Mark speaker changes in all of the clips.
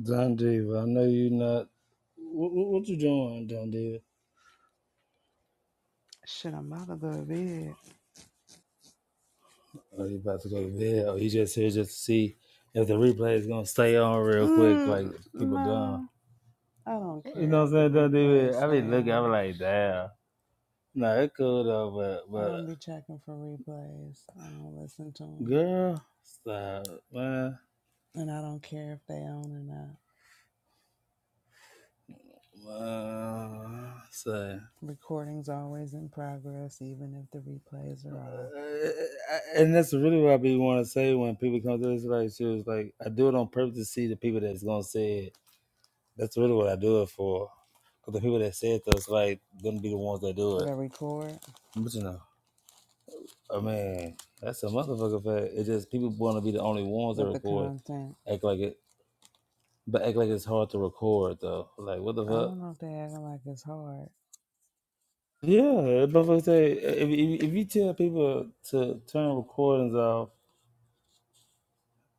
Speaker 1: Don David, I know you not. What, what, what you doing, Don David?
Speaker 2: Shit, I'm about to go to bed.
Speaker 1: Are you about to go to bed? Or you just here just to see if the replay is gonna stay on real quick,
Speaker 2: Mm,
Speaker 1: like people done.
Speaker 2: no, I don't
Speaker 1: You know
Speaker 2: care
Speaker 1: what I'm
Speaker 2: if the
Speaker 1: saying, Don
Speaker 2: replays
Speaker 1: David? I
Speaker 2: stay
Speaker 1: be looking, I be
Speaker 2: on.
Speaker 1: like, damn. Nah, it cool though, but
Speaker 2: I
Speaker 1: but
Speaker 2: don't be checking for replays. I don't listen to them.
Speaker 1: girl, stop, man.
Speaker 2: And I don't care if they on or not.
Speaker 1: Uh, say,
Speaker 2: Recording's always in progress, even if the replays are off.
Speaker 1: and that's really what I be want to say when people come to this. Like she was like, I do it on purpose to see the people that's gonna say it. That's really what I do it for. Because the people that said those, like, gonna be the ones that do it.
Speaker 2: They record,
Speaker 1: But you know, I mean, that's a motherfucker fact. It's just people want to be the only ones that
Speaker 2: but the
Speaker 1: record,
Speaker 2: content,
Speaker 1: act like it, but act like it's hard to record though. Like, what the
Speaker 2: I
Speaker 1: fuck?
Speaker 2: don't know if they acting like it's hard.
Speaker 1: Yeah, motherfucker say if, if if you tell people to turn recordings off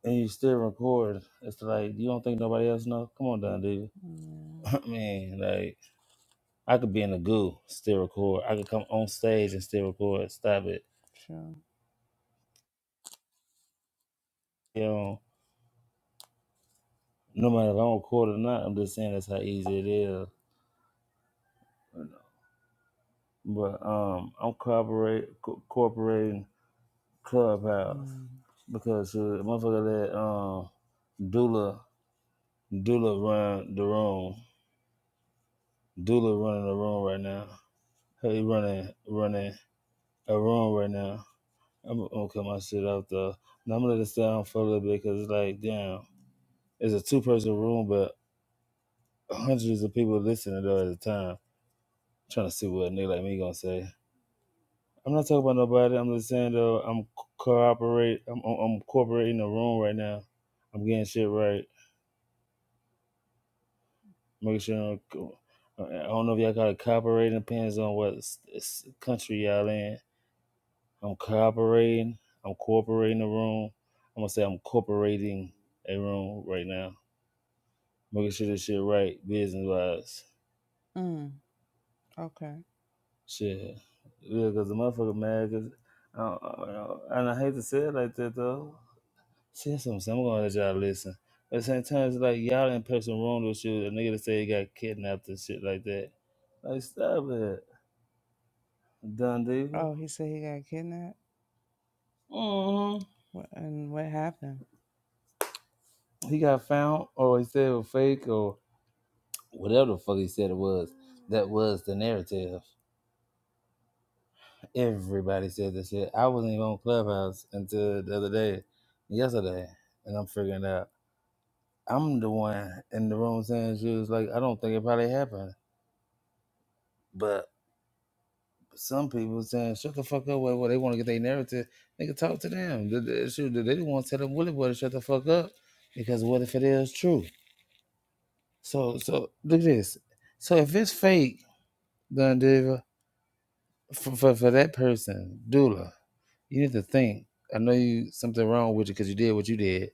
Speaker 1: and you still record, it's like you don't think nobody else know. Come on, down, dude.
Speaker 2: Mm,
Speaker 1: I mean, like I could be in the goo, still record. I could come on stage and still record. Stop it.
Speaker 2: sure.
Speaker 1: You know. no matter if I'm on court or not, I'm just saying that's how easy it is. You know. But um, I'm corporate, co- corporating Clubhouse
Speaker 2: Mm.
Speaker 1: because uh, motherfucker that um, Dula Dula run the room. Dula running the room right now. Hey, He running running a room right now. I'm I'm gonna cut my shit off though. Now I'm gonna let this down for a little bit because it's like damn, it's a two person room, but hundreds of people listening though at the time, trying to see what a nigga like me gonna say. I'm not talking about nobody. I'm just saying though, I'm cooperate. I'm, I'm I'm cooperating the room right now. I'm getting shit right. Making sure I'm, I don't know if y'all got to cooperate. Depends on what s- s- country y'all in. I'm cooperating. I'm cooperating the room. I'm gonna say I'm cooperating a room right now. Making sure this shit right, business wise.
Speaker 2: Mm, okay.
Speaker 1: Shit, yeah, cause the motherfucker mad. Cause I, don't- I, don't- and I hate to say it like that though. See, that's what I'm saying. I'm going to let y'all listen. But at the same time, it's like y'all in person wrong with you. A nigga that say he got kidnapped and shit like that. Like, stop it. Don
Speaker 2: Oh,
Speaker 1: Diego.
Speaker 2: he said he got kidnapped?
Speaker 1: hmm
Speaker 2: What, and what happened?
Speaker 1: He got found, or he said it was fake, or whatever the fuck he said it was. That was the narrative. Everybody said this shit. I wasn't even on Clubhouse until the other day, yesterday, and I'm figuring out. I'm the one in the room saying shit. was like, I don't think it probably happened. But some people saying, shut the fuck up, Well, well, They want to get their narrative. They can talk to them. The, the issue, they didn't want to tell them Willie Boy to shut the fuck up because what if it is true? So, so look at this. So if it's fake, then Diva, for, for, for that person, Dula, you need to think. I know you something wrong with you because you did what you did.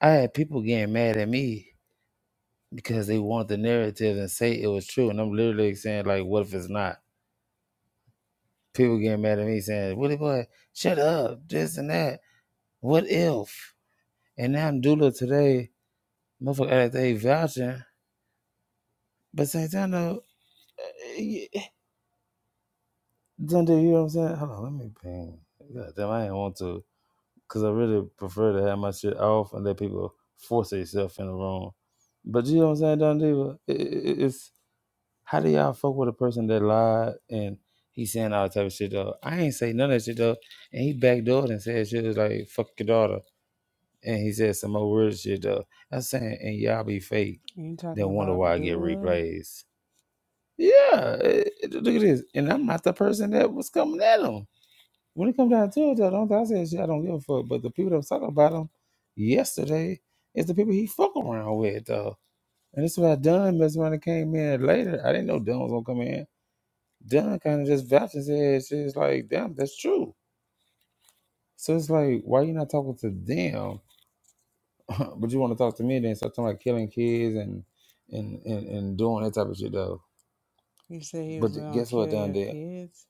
Speaker 1: I had people getting mad at me because they want the narrative and say it was true, and I'm literally saying like, what if it's not? People getting mad at me saying, Willie Boy, shut up, this and that. What if? And now I'm doula today, motherfucker at they vouching. But same time though, eh, eh, don't do you know what I'm saying? Hold on, let me ping. God damn, I didn't want to, cause I really prefer to have my shit off and let people force themselves in the room. But you know what I'm saying, Don Diva? It, it, it's how do y'all fuck with a person that lied and he saying all type of shit though? I ain't say none of that shit though, and he backdoored and said shit was like fuck your daughter. And he said some more weird shit though. I'm saying, and y'all be fake.
Speaker 2: You talking
Speaker 1: Then wonder why
Speaker 2: about
Speaker 1: I get
Speaker 2: Dula?
Speaker 1: replays. Yeah, it- it- look at this. And I'm not the person that was coming at him. When it comes down to it, though, don't I say shit, I don't give a fuck. But the people that was talking about him yesterday is the people he fuck around with though. And that's why Dunn messed around and came in later. I didn't know Dunn was gonna come in. Dunn kind of just vouched his head. She's like, damn, that's true. So it's like, why you not talking to them? but you want to talk to me then start talking about killing kids and and and, and doing that type of shit though.
Speaker 2: You said he was
Speaker 1: But th-
Speaker 2: gonna
Speaker 1: guess what
Speaker 2: kill
Speaker 1: down
Speaker 2: your
Speaker 1: there?
Speaker 2: kids.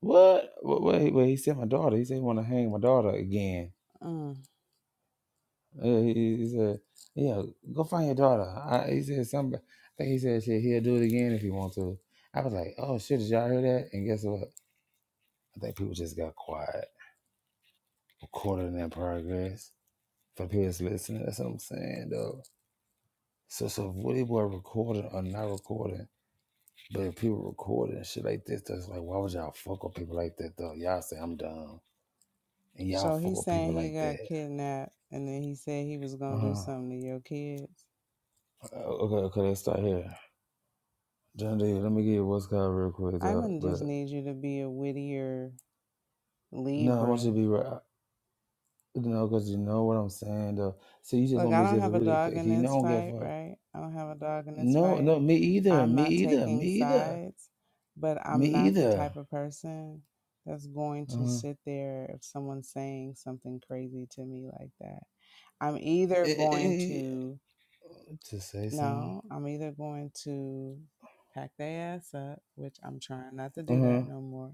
Speaker 1: What? What? What? He, what he said my daughter. He said he want to hang my daughter again.
Speaker 2: Mm.
Speaker 1: Uh, he, he said, "Yeah, go find your daughter." I, he said something. I think he said shit. He'll do it again if he want to. I was like, "Oh shit! Did y'all hear that?" And guess what? I think people just got quiet, recording that progress for people that's listening. That's what I'm saying, though. So, so whether we recording or not recording, But if people recording and shit like this, that's like, why would y'all fuck with people like that though? Y'all say I'm dumb, and y'all
Speaker 2: So
Speaker 1: fuck
Speaker 2: he's
Speaker 1: with
Speaker 2: saying
Speaker 1: people
Speaker 2: he
Speaker 1: like
Speaker 2: got
Speaker 1: that.
Speaker 2: kidnapped, and then he said he was gonna do
Speaker 1: Uh-huh.
Speaker 2: something to your kids.
Speaker 1: Uh, okay, okay, let's start here. John D, let me give you what's called real quick,
Speaker 2: I'm
Speaker 1: though.
Speaker 2: gonna
Speaker 1: But
Speaker 2: just need you to be a wittier
Speaker 1: no, I want
Speaker 2: Libra.
Speaker 1: you to be right. You know, cause you know what I'm saying, though. So you just
Speaker 2: Look,
Speaker 1: want
Speaker 2: I
Speaker 1: me to
Speaker 2: don't
Speaker 1: just
Speaker 2: have a
Speaker 1: really,
Speaker 2: dog in
Speaker 1: you know, I
Speaker 2: this
Speaker 1: don't give
Speaker 2: fight,
Speaker 1: a fuck.
Speaker 2: right? I don't have a dog in this
Speaker 1: No,
Speaker 2: fight.
Speaker 1: no, me either,
Speaker 2: I'm
Speaker 1: me
Speaker 2: not
Speaker 1: either, me
Speaker 2: taking
Speaker 1: either,
Speaker 2: sides, but
Speaker 1: me
Speaker 2: I'm not the
Speaker 1: either.
Speaker 2: type of person that's going to
Speaker 1: Uh
Speaker 2: sit there if someone's saying something crazy to me like that. I'm either
Speaker 1: huh.
Speaker 2: going to
Speaker 1: To say so.
Speaker 2: No, I'm either going to pack their ass up, which I'm trying not to
Speaker 1: Uh
Speaker 2: do
Speaker 1: huh.
Speaker 2: that no more,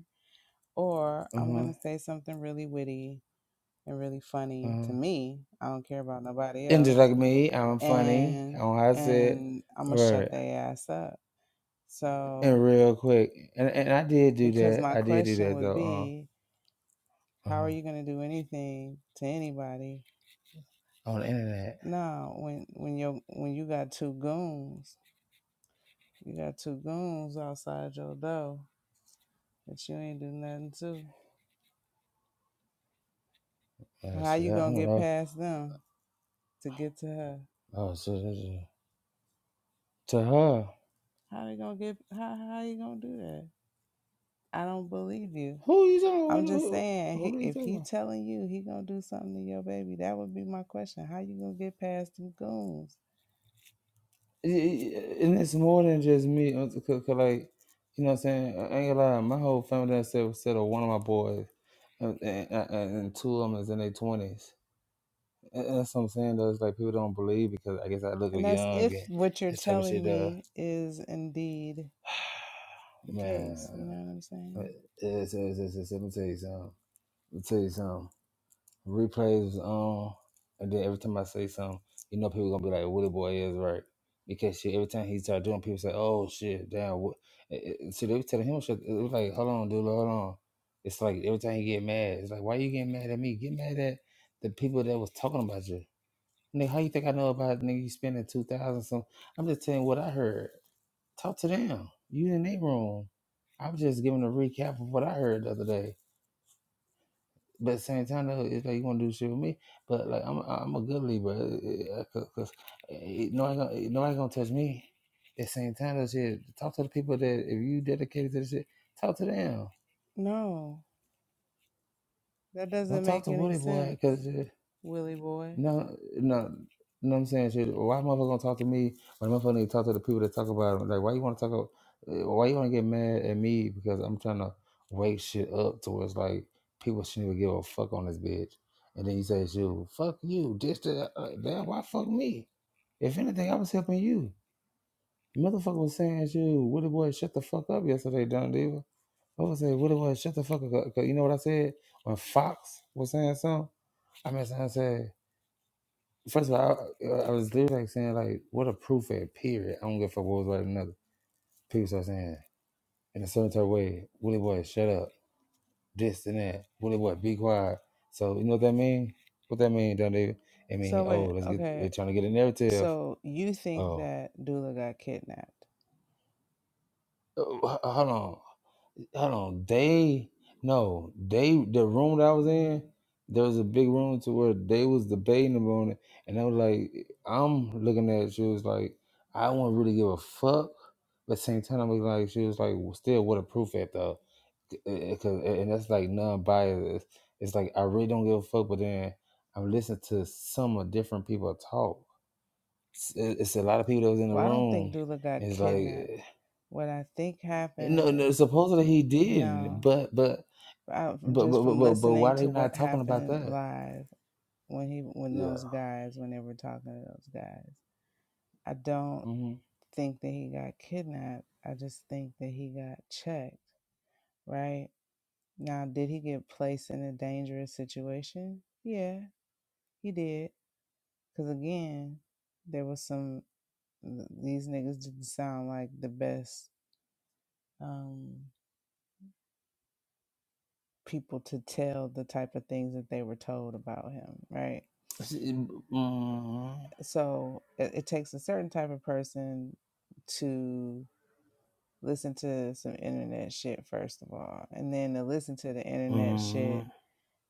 Speaker 2: or
Speaker 1: Uh
Speaker 2: I'm
Speaker 1: huh. Uh
Speaker 2: going to say something really witty and really funny
Speaker 1: huh.
Speaker 2: to me. I don't care about nobody
Speaker 1: And just
Speaker 2: else.
Speaker 1: like me, I'm funny.
Speaker 2: And
Speaker 1: On how I said,
Speaker 2: and I'm going to
Speaker 1: right.
Speaker 2: shut their ass up. So,
Speaker 1: And real quick, and and I did do
Speaker 2: because
Speaker 1: that.
Speaker 2: my
Speaker 1: I did do
Speaker 2: question
Speaker 1: that
Speaker 2: would
Speaker 1: though.
Speaker 2: be, how are
Speaker 1: Um,
Speaker 2: you going to do anything to anybody?
Speaker 1: uh, on the internet.
Speaker 2: No, when when you when you got two goons, you got two goons outside your door that you ain't do nothing to.
Speaker 1: Uh,
Speaker 2: How
Speaker 1: shit,
Speaker 2: you
Speaker 1: I
Speaker 2: gonna
Speaker 1: don't
Speaker 2: get
Speaker 1: know.
Speaker 2: past them to get to her?
Speaker 1: Oh, so, so- so- to her,
Speaker 2: How they gonna get? How how you gonna do that? I don't believe you.
Speaker 1: who you
Speaker 2: I'm
Speaker 1: talking? About?
Speaker 2: just
Speaker 1: Who,
Speaker 2: saying,
Speaker 1: who,
Speaker 2: he,
Speaker 1: who are you
Speaker 2: if
Speaker 1: talking?
Speaker 2: he
Speaker 1: About?
Speaker 2: telling you he gonna do something to your baby, that would be my question. How you gonna get past them goons?
Speaker 1: Y- y- And it's more than just me. uh, Cause, 'cause like, you know, what I'm saying, I ain't gonna lie. My whole family done said said of one of my boys, uh, and, and, and two of them is in their twenties. That- That's what I'm saying though. It's like people don't believe because I guess I look
Speaker 2: And that's
Speaker 1: young
Speaker 2: if
Speaker 1: and
Speaker 2: what you're
Speaker 1: this type of
Speaker 2: telling
Speaker 1: shit. Uh,
Speaker 2: me is indeed the case. You know
Speaker 1: man,
Speaker 2: what I'm saying?
Speaker 1: it's, it's, it's, it's, let me tell you something. Let me tell you something. Replays was on, and then every time I say something, you know people gonna be like, "Willie Boy is right," because shit. Every time he start doing, people say, "Oh shit, damn." What? See, they be telling him shit. It was like, "Hold on, dude, hold on." It's like every time he get mad, it's like, "Why you getting mad at me? Get mad at the people that was talking about you." Nigga, how you think I know about it? nigga you spending two thousand some? I'm just telling you what I heard. Talk to them. You in their room. I was just giving a recap of what I heard the other day. But at the same time, though, it's like you want to do shit with me. But like I'm, I'm a good leader, bro. cause, 'cause, eh, eh, nobody, gonna, eh, nobody gonna touch me. At the same time, though, shit. Talk to the people that if you dedicated to the shit, talk to them.
Speaker 2: No, that doesn't
Speaker 1: Don't talk
Speaker 2: make
Speaker 1: to
Speaker 2: any
Speaker 1: Woody boy,
Speaker 2: sense,
Speaker 1: cause. eh,
Speaker 2: Willie boy.
Speaker 1: No, no, no. I'm saying shit. Why motherfucker gonna talk to me when motherfucker need to talk to the people that talk about him? Like, why you want to talk? About, uh, why you want to get mad at me because I'm trying to wake shit up to where it's like people shouldn't even give a fuck on this bitch. And then you say, "You fuck you, this that, uh, damn, why fuck me? If anything, I was helping you." Motherfucker was saying, "You, Woody boy, shut the fuck up yesterday, Don Diva." I was saying, "Woody boy, shut the fuck up." 'Cause you know what I said when Fox was saying something? I mean, I said. First of all, I, uh, I was literally like saying like, what a proof at period. I don't give a fuck what was right or another. People start saying in a certain type of way, Willie boy, shut up, this and that. Willie boy, be quiet. So you know what that mean? What that mean, don't they? I mean,
Speaker 2: So
Speaker 1: oh,
Speaker 2: wait,
Speaker 1: let's get.
Speaker 2: okay.
Speaker 1: They trying to get a narrative.
Speaker 2: So you think
Speaker 1: Oh,
Speaker 2: that Dula got kidnapped?
Speaker 1: oh, h- hold on. hold on, they no, they the room that I was
Speaker 2: Mm.
Speaker 1: in, there was a big room to where they was debating about it, and I was like, I'm looking at it, she was like, I wouldn't really give a fuck, but at the same time, I was like, she was like, well, still waterproof at the, because and that's like non-biased. It's like I really don't give a fuck, but then I'm listening to some of different people talk. It's, it's a lot of people that was in the
Speaker 2: Well, I don't think
Speaker 1: room.
Speaker 2: Dula got
Speaker 1: and It's
Speaker 2: kidnapped.
Speaker 1: like.
Speaker 2: What I think
Speaker 1: No,
Speaker 2: happened
Speaker 1: no.
Speaker 2: is
Speaker 1: Supposedly he did, not
Speaker 2: no.
Speaker 1: but but
Speaker 2: I,
Speaker 1: but
Speaker 2: just
Speaker 1: but but
Speaker 2: from
Speaker 1: but, but
Speaker 2: listening
Speaker 1: why they
Speaker 2: to what
Speaker 1: not talking about
Speaker 2: happened
Speaker 1: that?
Speaker 2: live when he when
Speaker 1: Yeah.
Speaker 2: those guys when they were talking to those guys, I don't
Speaker 1: Mm-hmm.
Speaker 2: think that he got kidnapped. I just think that he got checked. Right now, did he get placed in a dangerous situation? Yeah, he did. Because again, there was some. th- these niggas didn't sound like the best um, people to tell the type of things that they were told about him, right?
Speaker 1: See, Mm-hmm.
Speaker 2: So it, it takes a certain type of person to listen to some internet shit first of all, and then to listen to the internet
Speaker 1: Mm-hmm.
Speaker 2: shit,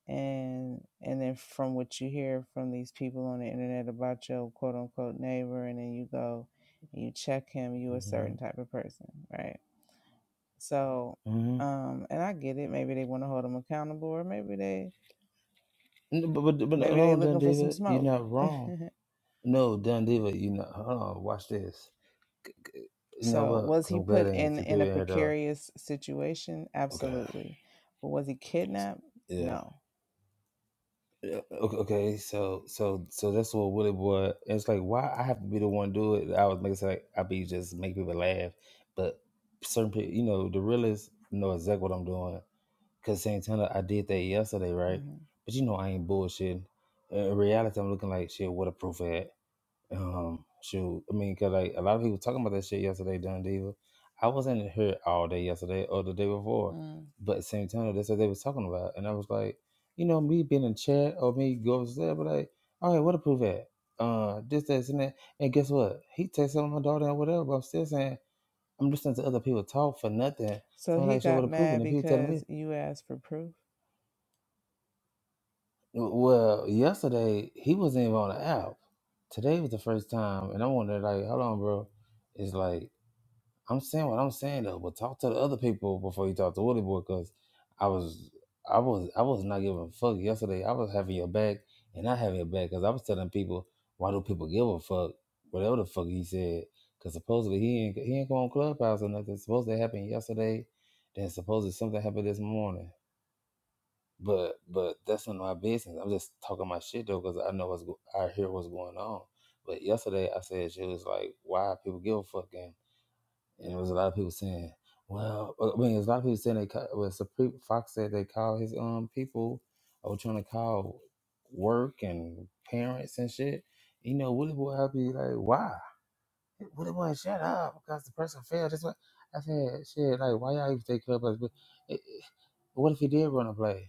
Speaker 2: and and then from what you hear from these people on the internet about your quote unquote neighbor, and then you go and you check him, you a
Speaker 1: Mm-hmm.
Speaker 2: certain type of person, right? So,
Speaker 1: Mm-hmm.
Speaker 2: um, and I get it. Maybe they want to hold him accountable, or maybe they
Speaker 1: But, but but
Speaker 2: maybe they
Speaker 1: no, Don
Speaker 2: looking for some
Speaker 1: Diva, you're
Speaker 2: smoke.
Speaker 1: not wrong. No, Don Diva, you not. Hold on, watch this. You know
Speaker 2: so,
Speaker 1: what?
Speaker 2: was
Speaker 1: Because
Speaker 2: he
Speaker 1: I'm glad
Speaker 2: put
Speaker 1: I ain't
Speaker 2: in
Speaker 1: few
Speaker 2: in
Speaker 1: people
Speaker 2: a
Speaker 1: had uh.
Speaker 2: precarious situation?
Speaker 1: Okay.
Speaker 2: Absolutely. But was he kidnapped?
Speaker 1: Yeah.
Speaker 2: No.
Speaker 1: Yeah, Okay, okay, so so so that's what Willie Boy. It's like why I have to be the one to do it. I was making it sound like I be just make people laugh, but certain people, you know, the realists know exactly what I'm doing. Cause Santana, I did that yesterday, right?
Speaker 2: hmm
Speaker 1: But you know I ain't bullshitting. In reality, I'm looking like shit. What a proof at? Um, shoot. I mean, cause like a lot of people talking about that shit yesterday, Dun Diva. I wasn't here all day yesterday or the day before,
Speaker 2: Mm.
Speaker 1: but Santana, that's what they was talking about, and I was like, you know, me being in chat or me going upstairs, but like, all right, what a proof at? Uh, this, this, and that. And guess what? He texted my daughter and whatever, but I'm still saying I'm listening to other people talk for nothing.
Speaker 2: So
Speaker 1: Sounds
Speaker 2: he
Speaker 1: like shit would
Speaker 2: got
Speaker 1: approve,
Speaker 2: mad
Speaker 1: and people telling me
Speaker 2: because you asked for proof.
Speaker 1: Well, yesterday he wasn't even on the app. Today was the first time, and I wondered, like, hold on, bro. It's like I'm saying what I'm saying though, but talk to the other people before you talk to Willie Boy, cause I was, I was, I was not giving a fuck yesterday. I was having your back, and not having your back, cause I was telling people, why do people give a fuck? Whatever the fuck he said, cause supposedly he ain't he ain't come on Clubhouse or nothing. Supposed to happen yesterday, then supposedly something happened this morning. But but that's none of my business. I'm just talking my shit though, because I know what's go- I hear what's going on. But yesterday I said she was like, "Why people give a fuck?" And, and there was a lot of people saying, "Well, uh, I mean, there's a lot of people saying they ca- well, Supreme Fox said they call his um people or trying to call work and parents and shit." You know, Willie Boy, I'd be like, "Why?" Willie Boy, shut up, because the person failed. That's what I said. Shit, like, why y'all even take care of us? But it, it- what if he did run a play?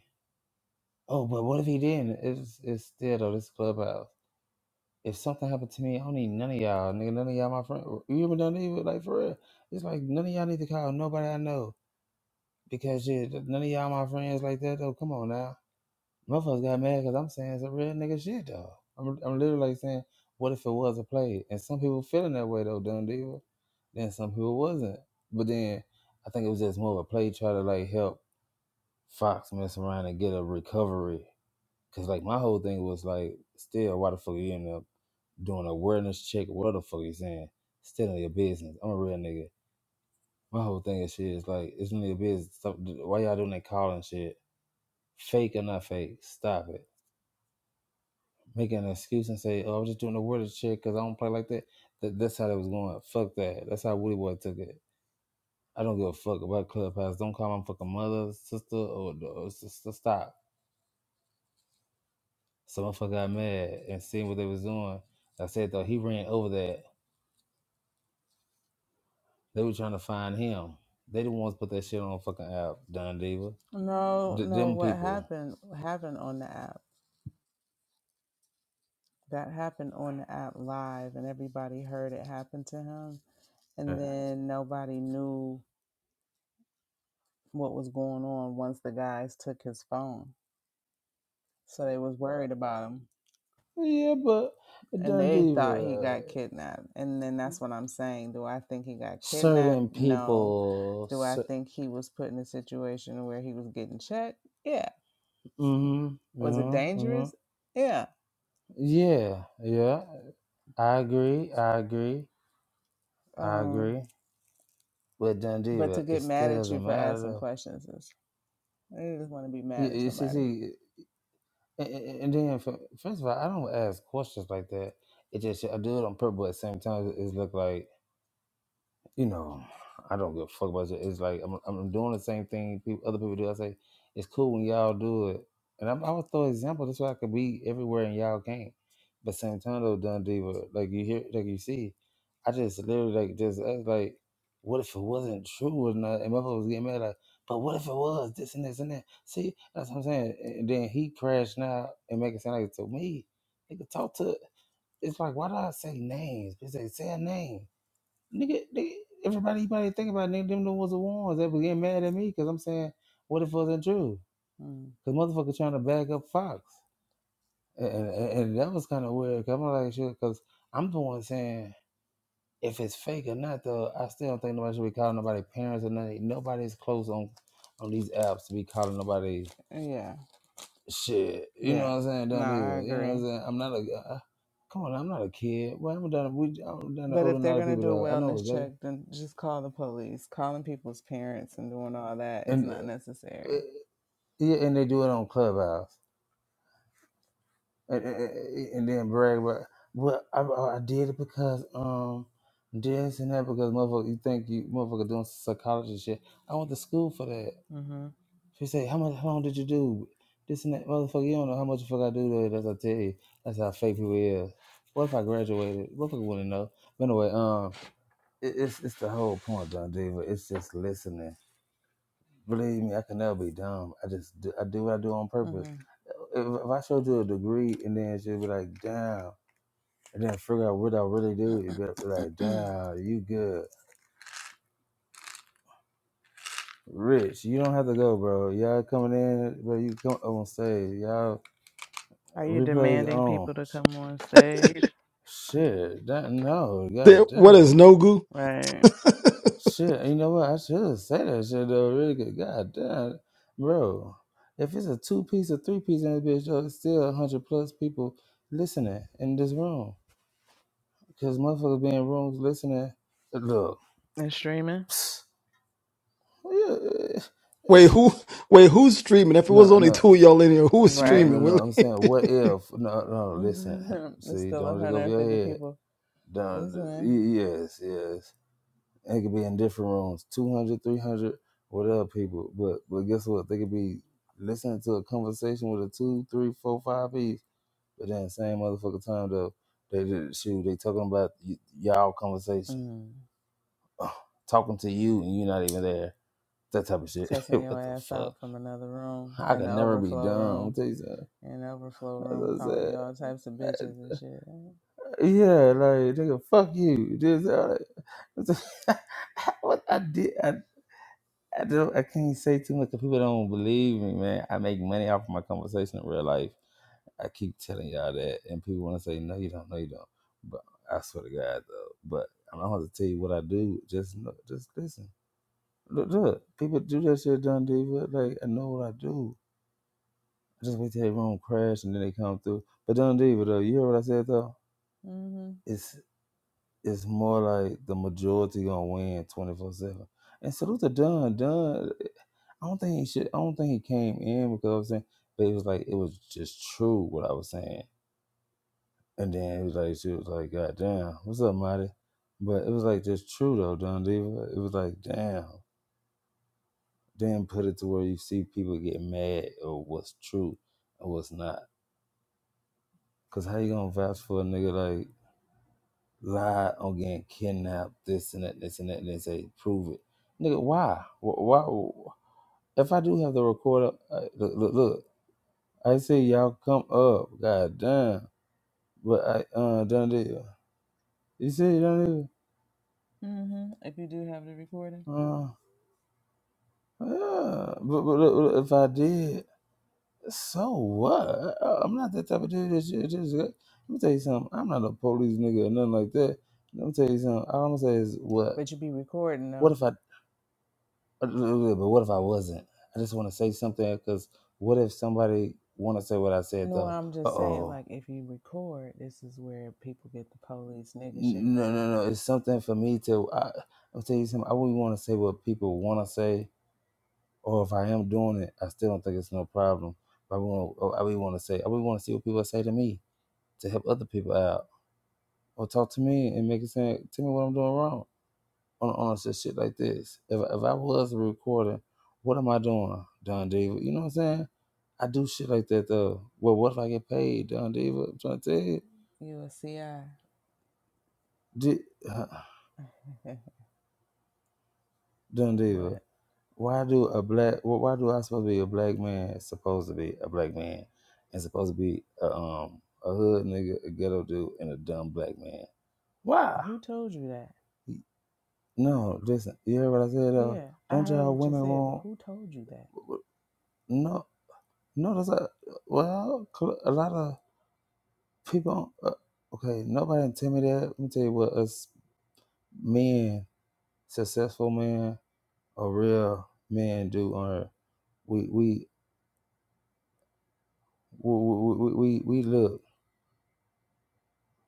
Speaker 1: Oh, but what if he didn't? It's it's still though this clubhouse. If something happened to me, I don't need none of y'all, nigga. None of y'all, my friend. You ever done even like for real? It's like none of y'all need to call nobody I know because shit, none of y'all my friends like that though. Come on now, motherfuckers got mad because I'm saying some real nigga shit though. I'm I'm literally like saying, what if it was a play? And some people feeling that way though, done Deal. Then some people wasn't. But then I think it was just more of a play try to like help Fox mess around and get a recovery Cause like my whole thing was like, still, why the fuck you end up doing a wellness check? What the fuck you saying? Still in your business. I'm a real nigga. My whole thing is shit is like, it's none of your business. Stop, why y'all doing that calling shit? Fake or not fake? Stop it. Make an excuse and say, oh, I was just doing a awareness check because I don't play like that. that. That's how that was going. Fuck that. That's how Woody Boy took it. I don't give a fuck about Clubhouse. Don't call my fucking mother, sister, or, or sister. Stop. Some motherfucker got mad and seen what they was doing. I said though he ran over that. They were trying to find him. They didn't want to put that shit on the fucking app, Don Diva.
Speaker 2: No,
Speaker 1: D-
Speaker 2: no.
Speaker 1: them
Speaker 2: What
Speaker 1: people.
Speaker 2: happened happened on the app. That happened on the app live, and everybody heard it happen to him. And
Speaker 1: Uh,
Speaker 2: then nobody knew what was going on once the guys took his phone. So they was worried about him.
Speaker 1: Yeah, but
Speaker 2: And
Speaker 1: Don
Speaker 2: they thought he
Speaker 1: Diva,
Speaker 2: got kidnapped. And then that's what I'm saying. Do I think he got kidnapped?
Speaker 1: certain
Speaker 2: No.
Speaker 1: people.
Speaker 2: Do I
Speaker 1: Cer-
Speaker 2: think he was put in a situation where he was getting checked? Yeah.
Speaker 1: mm-hmm,
Speaker 2: Was it
Speaker 1: yeah, hmm
Speaker 2: dangerous? Yeah.
Speaker 1: yeah, yeah. I agree. I agree. I
Speaker 2: Um,
Speaker 1: agree. But Don
Speaker 2: but to
Speaker 1: Diva, it
Speaker 2: get mad
Speaker 1: still
Speaker 2: at you
Speaker 1: doesn't
Speaker 2: for
Speaker 1: matter.
Speaker 2: asking
Speaker 1: Though.
Speaker 2: questions is they just want to be mad
Speaker 1: You,
Speaker 2: at
Speaker 1: you see,
Speaker 2: somebody.
Speaker 1: see, and, and and then fir- first of all, I don't ask questions like that. It just I do it on purpose. But at the same time, it's look like you know, I don't give a fuck about it. It's like I'm, I'm doing the same thing people, other people do. I say it's cool when y'all do it, and I'm, I would throw example. That's why I could be everywhere and y'all can't. But same time though, Don Diva, like you hear, like you see, I just literally like just act like, what if it wasn't true or not? And motherfuckers was getting mad like, but what if it was this and this and that? See, that's what I'm saying. And then he crashed now and make it sound like to me, nigga talk to. It's like why do I say names? They say say a name. Nigga, nigga everybody you probably think about nigga, them the was the ones that were getting mad at me because I'm saying, what if it wasn't true?
Speaker 2: Mm.
Speaker 1: Because motherfucker trying to back up Fox. And, and, and that was kind of weird. Cause I'm like, shit, because I'm the one saying, if it's fake or not, though, I still don't think nobody should be calling nobody parents or nothing. Nobody's close on on these apps to be calling nobody
Speaker 2: Yeah.
Speaker 1: shit. You know
Speaker 2: Yeah.
Speaker 1: what I'm saying?
Speaker 2: No,
Speaker 1: Don't do
Speaker 2: I
Speaker 1: it. You know what
Speaker 2: agree.
Speaker 1: I'm saying? I'm not a, uh, uh, come on, I'm not a kid. Well, I'm done, we, I'm done
Speaker 2: But
Speaker 1: older
Speaker 2: if
Speaker 1: than a
Speaker 2: they're
Speaker 1: lot of
Speaker 2: gonna
Speaker 1: people,
Speaker 2: do a
Speaker 1: though. I know
Speaker 2: wellness
Speaker 1: exactly.
Speaker 2: check, then just call the police. Calling people's parents and doing all that is
Speaker 1: And
Speaker 2: not
Speaker 1: uh, uh,
Speaker 2: necessary.
Speaker 1: Yeah, and they do it on Clubhouse, and, and, and then brag about, well, I, I I did it because um this and that because motherfucker, you think you motherfucker doing psychology shit. I went to school for that.
Speaker 2: hmm
Speaker 1: She say, how much, how long did you do this and that, motherfucker? You don't know how much the fuck I do though. That's what I tell you. That's how fake people is. What if I graduated? Motherfucker wouldn't know. But anyway, um, it, it's it's the whole point, Don Diva. It's just listening Believe me, I can never be dumb. I just do, I do what I do on purpose.
Speaker 2: hmm
Speaker 1: If, if I showed you a degree and then she'd be like, "Damn," and then figure out what I really do, you'd be like, "Damn, you good, rich. You don't have to go, bro. Y'all coming in, bro. You come up on stage. Y'all
Speaker 2: Are you
Speaker 1: replays
Speaker 2: demanding
Speaker 1: on.
Speaker 2: people to come on stage?
Speaker 1: Shit, that, no,
Speaker 3: There,
Speaker 1: god
Speaker 3: what
Speaker 1: damn.
Speaker 3: is Nogu?
Speaker 2: Right.
Speaker 1: Shit, you know what? I should have said that shit though. Really good. God damn, bro. If it's a two piece or three piece in this bitch, though, it's still a hundred plus people listening in this room. Cause motherfuckers be in rooms listening. Look,
Speaker 2: And streaming?
Speaker 1: psst, yeah, eh,
Speaker 3: Wait, who?
Speaker 1: sh-
Speaker 3: Wait, who's streaming? If it was
Speaker 1: no,
Speaker 3: only
Speaker 1: no,
Speaker 3: two of y'all in here, who was
Speaker 1: no,
Speaker 2: Right.
Speaker 3: streaming?
Speaker 1: no, no. I'm saying,
Speaker 3: Willie?
Speaker 1: what if? No, no. Listen,
Speaker 2: There's
Speaker 1: see,
Speaker 2: still
Speaker 1: don't let it go over your
Speaker 2: 150
Speaker 1: head.
Speaker 2: people
Speaker 1: Don't.
Speaker 2: listening.
Speaker 1: Yes, yes. It could be in different rooms, 200, 300, whatever people. But but guess what? They could be listening to a conversation with a two, three, four, five piece. But then same motherfucker time though, they did shoot. They talking about y- y'all conversation,
Speaker 2: Mm.
Speaker 1: talking to you, and you're not even there. That type of shit.
Speaker 2: Cussing your
Speaker 1: what the
Speaker 2: ass
Speaker 1: fuck?
Speaker 2: out from another room
Speaker 1: I
Speaker 2: and
Speaker 1: could
Speaker 2: the
Speaker 1: never be
Speaker 2: overflow
Speaker 1: dumb. I'll
Speaker 2: room.
Speaker 1: tell you something.
Speaker 2: And the overflow
Speaker 1: That's
Speaker 2: room
Speaker 1: what I
Speaker 2: calling you
Speaker 1: said.
Speaker 2: all types of bitches and shit.
Speaker 1: Yeah, like nigga, fuck you. This, all that. what I did. I do. I can't say too much 'cause people don't believe me, man. I make money off of my conversation in real life. I keep telling y'all that, and people want to say, "No, you don't. No, you don't." But I swear to God, though. But I'm not going to tell you what I do. Just, know- just listen. Look, look. People do that shit, Don Diva. Like I know what I do. I just wait till everyone crash and then they come through. But Don Diva, though, you hear what I said though?
Speaker 2: hmm
Speaker 1: It's it's more like the majority gonna win 24 seven. And salute to Don. Don. I don't think he should. I don't think he came in because I was saying, but it was like it was just true what I was saying. And then it was like she was like, "God damn, what's up, Marty?" But it was like just true though, Don Diva. It was like, damn, then put it to where you see people get mad or what's true and what's not. Cause how you gonna vouch for a nigga like lie on getting kidnapped, this and that, this and that, and then say prove it, nigga? Why? Wh- Why? If I do have the recorder, uh, look, look, look. I said y'all come up. God damn. But I uh done it. You said done
Speaker 2: hmm If you do have the recording.
Speaker 1: it. Uh, yeah. But, but look, look, if I did, so what? I, am not that type of dude. That shit, just, uh, let me tell you something. I'm not a police nigga or nothing like that. Let me tell you something. All I'm gonna say is what?
Speaker 2: But you be recording
Speaker 1: What
Speaker 2: though.
Speaker 1: if I? uh, uh, uh, But what if I wasn't? I just want to say something because what if somebody want to say what I said
Speaker 2: No,
Speaker 1: though?
Speaker 2: I'm
Speaker 1: Uh
Speaker 2: just saying,
Speaker 1: oh.
Speaker 2: like, if you record, this is where people get the police nigga shit
Speaker 1: no,
Speaker 2: from.
Speaker 1: no, no. It's something for me to. I, I'll tell you something. I wouldn't want to say what people want to say, or if I am doing it, I still don't think it's no problem. But I want. I would want to say. I would want to see what people say to me to help other people out, or talk to me and make it say, tell me what I'm doing wrong on on some shit like this. If if I was recording, what am I doing, Don David? You know what I'm saying? I do shit like that though. Well, what if I get paid, Don Diva? I'm trying to tell you,
Speaker 2: You a CI.
Speaker 1: D- Don Diva.
Speaker 2: but
Speaker 1: why do a black wh- why do I supposed to be a black man supposed to be a black man and supposed to be a, um a hood nigga a ghetto dude and a dumb black man why
Speaker 2: who told you that?
Speaker 1: no listen you heard what I said uh
Speaker 2: Yeah, I
Speaker 1: don't
Speaker 2: heard
Speaker 1: y'all
Speaker 2: what you
Speaker 1: women
Speaker 2: said, but
Speaker 1: want
Speaker 2: who told you that?
Speaker 1: no no that's a well cl- a lot of people uh, okay nobody intimidated let me tell you what us men successful men or real men do on earth we we we we we, we we look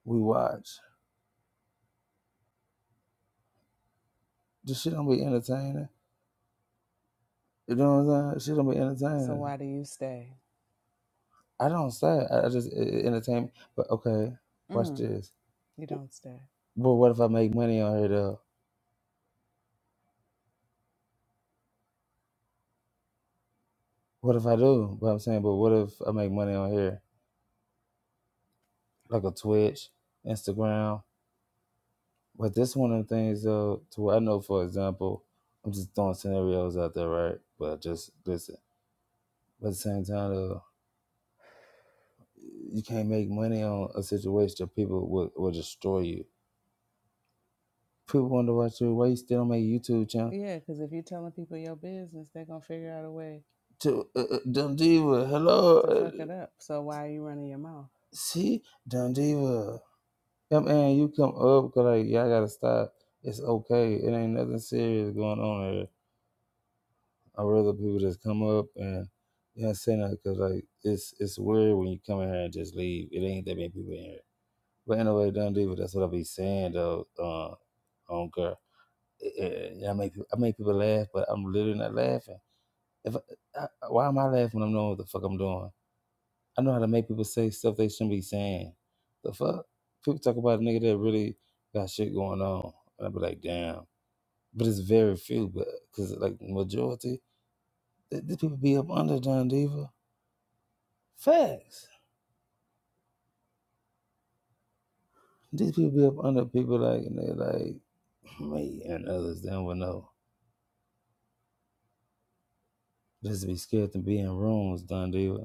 Speaker 1: we watch. This shit don't be entertaining. You know what I'm saying? Shit don't be
Speaker 2: So
Speaker 1: entertaining.
Speaker 2: why do you stay?
Speaker 1: I don't say I I just it, it entertain. But okay, watch
Speaker 2: Mm,
Speaker 1: this.
Speaker 2: you don't stay.
Speaker 1: But what if I make money on here though? What if I do? But I'm saying, but what if I make money on here, like a Twitch, Instagram? But this one of the things though, to what I know, for example, I'm just throwing scenarios out there, right? But just listen. But at the same time, though, you can't make money on a situation that people will, will destroy you People wonder why you why you still on my YouTube channel.
Speaker 2: Yeah, because if you're telling people your business, they're going to figure out a way
Speaker 1: To uh, uh, Dumb Diva, hello,
Speaker 2: to
Speaker 1: uh,
Speaker 2: fuck it up. So why are you running your mouth?
Speaker 1: see Dumb Diva. Come in, you come up, cause like y'all gotta stop. It's okay. It ain't nothing serious going on here. I rather people just come up and you know say nothing because like it's it's weird when you come in here and just leave. It ain't that many people in here. But anyway, Dumb Diva, that's what I be saying though. Uh, on girl, I, don't care. Eh, eh, I make I make people laugh, but I'm literally not laughing. If I, why am I laughing? when I'm knowing what the fuck I'm doing. I know how to make people say stuff they shouldn't be saying. The fuck people talk about a nigga that really got shit going on, and I be like, damn. But it's very few, but because like majority, th- these people be up under John Diva. Facts. These people be up under people like and they like me and others. They don't know. Just be scared to be in rooms, Don Diva.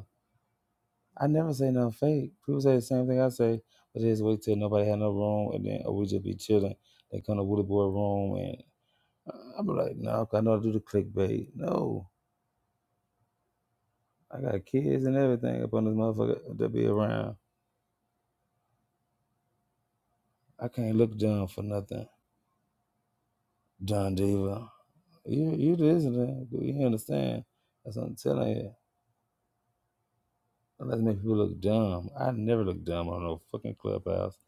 Speaker 1: I never say nothing fake. People say the same thing I say, but they just wait till nobody had no room, and then or we just be chilling. They come to Woody Boy room, and uh, I'm like, no, 'cause I know I do the clickbait. No, I got kids and everything up on this motherfucker to be around. I can't look dumb for nothing, Don Diva. You you listening? You understand? That's what I'm telling you. Unless make people look dumb. I never look dumb on no fucking clubhouse.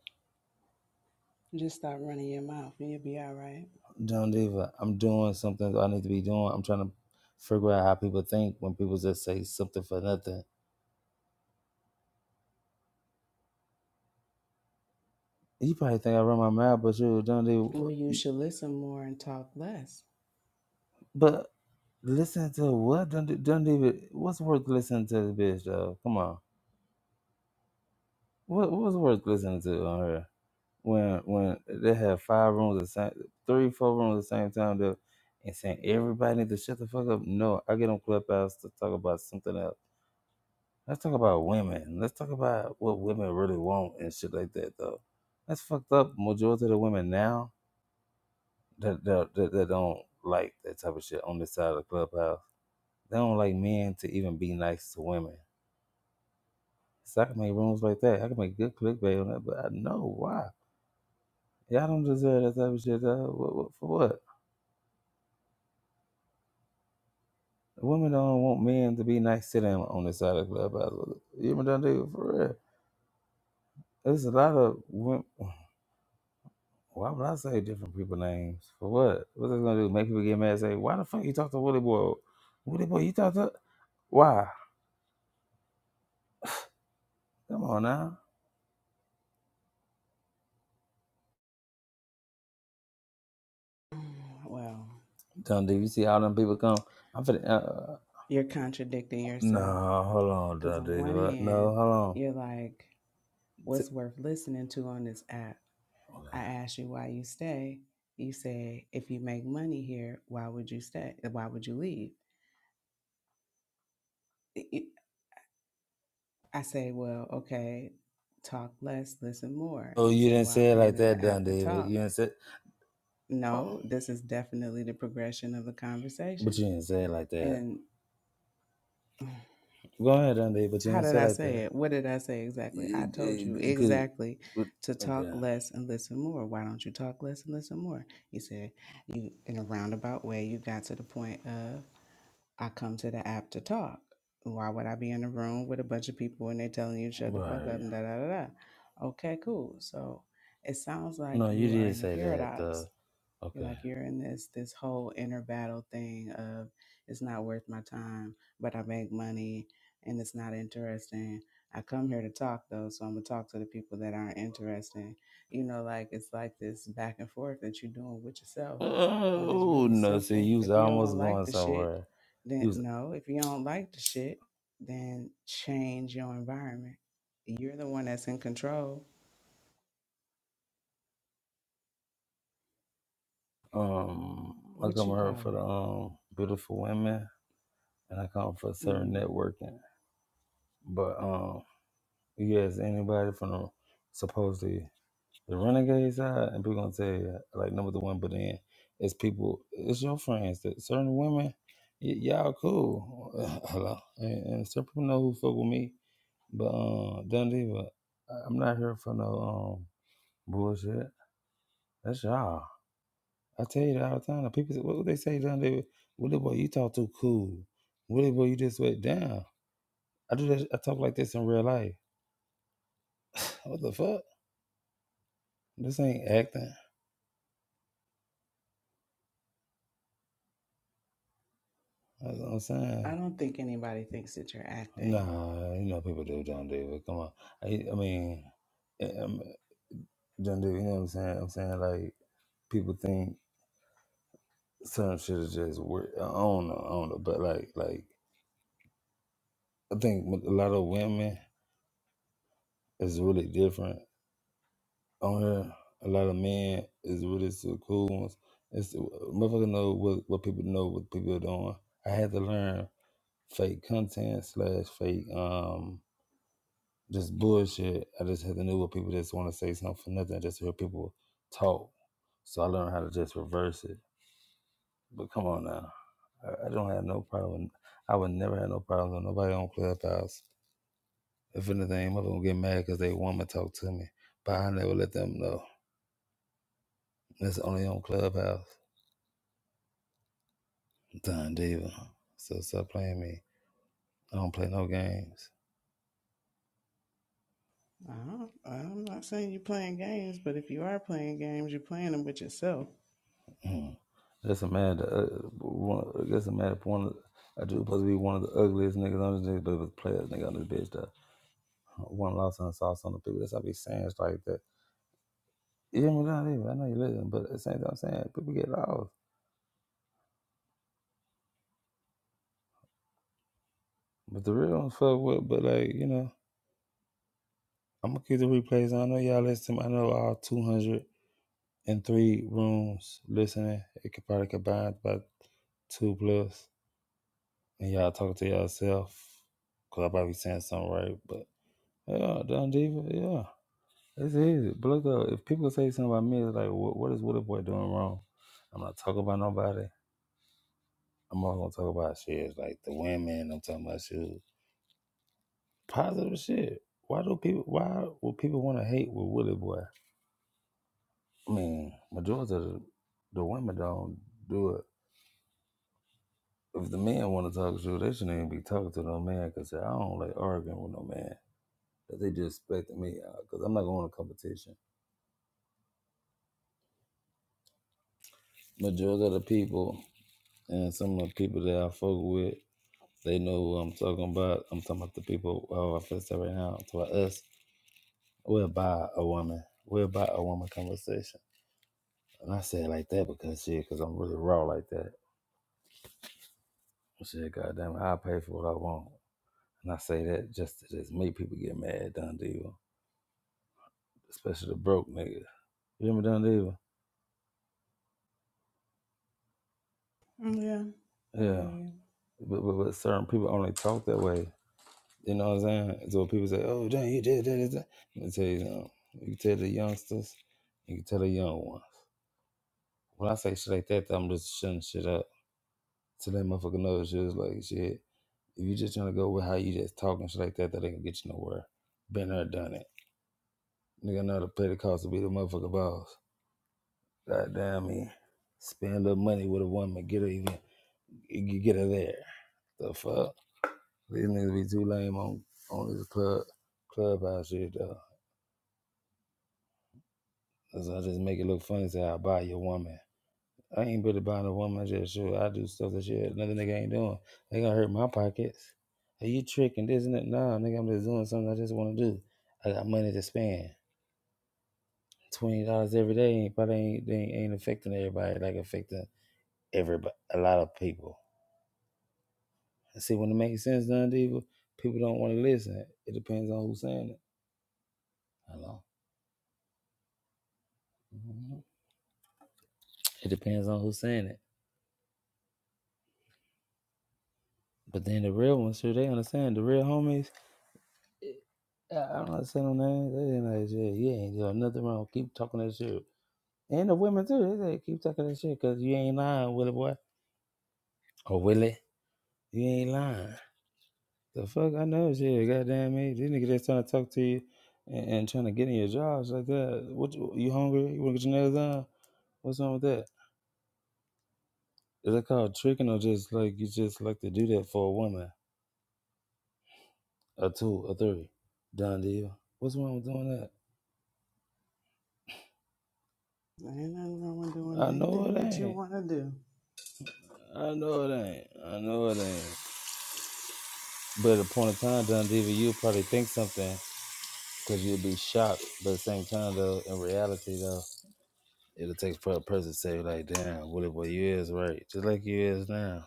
Speaker 2: Just stop running your mouth and you'll be all right.
Speaker 1: Don't even. I'm doing something that I need to be doing. I'm trying to figure out how people think when people just say something for nothing. You probably think I run my mouth, but you don't
Speaker 2: Well, you
Speaker 1: even.
Speaker 2: should listen more and talk less.
Speaker 1: But listen to what? Don't don't even. What's worth listening to the bitch though? Come on. What what's worth listening to on her? When when they have five rooms at same three four rooms at the same time though, and saying everybody needs to shut the fuck up. No, I get on Clubhouse to talk about something else. Let's talk about women. Let's talk about what women really want and shit like that, though. That's fucked up. Majority of the women now that that, that, that don't like that type of shit on this side of the clubhouse. They don't like men to even be nice to women. So I can make rooms like that. I can make good clickbait on that, but I know why. Y'all don't deserve that type of shit. Uh, what, what, for what? Women don't want men to be nice to them on this side of the clubhouse. You ever done do it for real? There's a lot of women. Why would I say different people names? For what? What's this gonna do? Make people get mad and say, why the fuck you talk to Willie Boy? Willie Boy, you talk to why? Come on now.
Speaker 2: Well,
Speaker 1: Dundee, you see all them people come. I'm finna uh,
Speaker 2: you're contradicting yourself
Speaker 1: No, hold on,
Speaker 2: because on
Speaker 1: Dundee.
Speaker 2: one
Speaker 1: What?
Speaker 2: hand
Speaker 1: No, hold on.
Speaker 2: you're like
Speaker 1: T-
Speaker 2: what's worth listening to on this app i asked you why you stay you say if you make money here why would you stay why would you leave i say well okay talk less listen more
Speaker 1: Oh,
Speaker 2: you
Speaker 1: you
Speaker 2: say
Speaker 1: didn't
Speaker 2: well i
Speaker 1: say it
Speaker 2: come
Speaker 1: like
Speaker 2: to the
Speaker 1: that,
Speaker 2: app to
Speaker 1: Dundee. But
Speaker 2: talk
Speaker 1: you didn't say oh,
Speaker 2: no this is definitely the progression of the
Speaker 1: but
Speaker 2: conversation
Speaker 1: you didn't say it like that.
Speaker 2: and
Speaker 1: Go ahead, Dundee, but you
Speaker 2: How
Speaker 1: didn't
Speaker 2: did
Speaker 1: say it
Speaker 2: I
Speaker 1: like
Speaker 2: say
Speaker 1: that.
Speaker 2: it? What did I say exactly? I
Speaker 1: You-
Speaker 2: told you
Speaker 1: you- Cause
Speaker 2: exactly
Speaker 1: but-
Speaker 2: to talk
Speaker 1: okay.
Speaker 2: less and listen more. Why don't you talk less and listen more? You said you in a roundabout way you got to the point of I come to the app to talk. Why would I be in a room with a bunch of people and they're telling you shut the fuck up
Speaker 1: Right.
Speaker 2: and da da da da? Okay, cool. So it sounds like
Speaker 1: No, you
Speaker 2: you are
Speaker 1: did
Speaker 2: in a
Speaker 1: say that, uh,
Speaker 2: paradox you're
Speaker 1: okay.
Speaker 2: like you're in this this whole inner battle thing of it's not worth my time, but I make money and it's not interesting. I come here to talk though, so I'm gonna talk to the people that aren't interesting. You know, like it's like this back and forth that you're doing with yourself when it's
Speaker 1: Oh
Speaker 2: really
Speaker 1: no! See,
Speaker 2: simple.
Speaker 1: you was
Speaker 2: If you don't
Speaker 1: almost
Speaker 2: like
Speaker 1: going
Speaker 2: the shit,
Speaker 1: somewhere.
Speaker 2: then
Speaker 1: You was
Speaker 2: no. If you don't like the shit, then change your environment. You're the one that's in control.
Speaker 1: um, I
Speaker 2: What
Speaker 1: come
Speaker 2: you
Speaker 1: here
Speaker 2: call
Speaker 1: for the
Speaker 2: it?
Speaker 1: um beautiful women, and I come for certain
Speaker 2: Mhm.
Speaker 1: networking. But um, you ask anybody from the supposedly the renegade side, and people gonna tell you like number one. But then it's people, it's your friends that certain women, y- y'all cool. Hello, and, and certain people know who fuck with me. But um, Dundee, but I- I'm not here for no um bullshit. That's y'all. I tell you that all the time. People, say, what would they say down there? Willie boy, you talk too cool. Willie boy, you just went down. I do that. I talk like this in real life. what the fuck? This ain't acting. That's what I'm
Speaker 2: I
Speaker 1: saying.
Speaker 2: don't think anybody thinks that you're acting.
Speaker 1: Nah, you know people do down there. But come on, I, I mean, down there. You know what I'm saying? I'm saying like people think certain shit is just weird. I don't know. I don't know. But like, like I think a lot of women is really different on here. A lot of men is really so cool ones. It's uh, motherfucker know what, what people know what people are doing. I had to learn fake content slash fake um just bullshit. I just had to know what people just want to say something for nothing, just to hear people talk. So I learned how to just reverse it. But come on now, I, I don't have no problem. I would never have no problem with nobody on Clubhouse. If anything, mother gonna get mad because they woman talk to me, but I never let them know. That's only on Clubhouse. Don Diva. So stop playing me. I don't play no games.
Speaker 2: I don't, I'm not saying you're playing games, but if you are playing games, you're playing them with yourself.
Speaker 1: Mm. That's a mad. Uh, one, that's a mad. One. I do supposed to be one of the ugliest niggas on this nigga, but was players nigga on this bitch. That one lost on the sauce on the people. That's how I be saying it's like that. You hear me, Don Diva? I know you listen, but at the same time, I'm saying people get lost. But the real ones fuck with. But like you know, I'm gonna keep the replays. on. I know y'all listen. I know all 203 rooms listening. It could probably combine about two plus. and y'all talk to yourself. Cause I probably saying something right, but yeah, Don Diva, yeah, it's easy. But look though, if people say something about me, it's like, what, what is Woody Boy doing wrong? I'm not talking about nobody. I'm all gonna talk about shit like the women. I'm talking about shit, positive shit. Why do people? Why would people want to hate with Woody Boy? I mean, majority of the, the women don't do it. If the men want to talk to you, they shouldn't even be talking to no man because I don't like arguing with no man. that they just expected me out because I'm not going to competition. Majority of the people and some of the people that I fuck with, they know who I'm talking about. I'm talking about the people how I feel right now. I'm talking about us. We're by a woman. We're by a woman conversation. And I say it like that because shit, because I'm really raw like that. Shit, goddamn, I pay for what I want. And I say that just to just make people get mad, at Don Diva. Especially the broke niggas. You remember Don Diva?
Speaker 2: Mm, Yeah, I hear
Speaker 1: Yeah.
Speaker 2: you.
Speaker 1: But, but, but certain people only talk that way You know what I'm saying? So people say, "Oh, John, you did that." I'm gonna tell you something. You can tell the youngsters, you can tell the young ones. When I say shit like that, I'm just shutting shit up. So that motherfucker knows just like shit. If you just trying to go with how you just talking shit like that, that ain't gonna get you nowhere. Been there, done it. Nigga know how to play the cost to be the motherfucker boss. Goddamn me. Spend a little money with a woman, get her even, you get her there. The fuck? These niggas be too lame on on this club clubhouse shit though. So I just make it look funny. Say I buy your woman. I ain't really buying a woman. I just sure I do stuff that shit another nigga ain't doing. They gonna hurt my pockets. Are you tricking this and that? Nah, nigga, I'm just doing something I just want to do. I got money to spend. Twenty dollars every day ain't probably ain't, they ain't affecting everybody like affecting everybody a lot of people. And see when it makes sense, done people people don't want to listen. It depends on who's saying it. Hello. Mhm. It depends on who's saying it. But then the real ones, sure, they understand. The real homies, I- I'm not saying no name. They ain't like shit. You ain't doing nothing wrong. Keep talking that shit. And the women too. They say keep talking that shit because you ain't lying, Willie boy. Or Willie, you ain't lying. The fuck I know shit. Goddamn me, this nigga just trying to talk to you and, and trying to get in your jobs like that. What you, you hungry? You want to get your nails done? What's wrong with that? Is that called tricking or just like you just like to do that for a woman? A two, a three. Done deal. What's wrong with doing that?
Speaker 2: Ain't nothing wrong with doing
Speaker 1: I know
Speaker 2: anything
Speaker 1: it
Speaker 2: that
Speaker 1: ain't.
Speaker 2: you want to
Speaker 1: I know it ain't. I know it ain't. But at a point in time, John Diva, you'll probably think something because you'll be shocked. But at the same time, though, in reality, though, it'll take for a person to say, like, damn, what if what you is right? Just like you is now.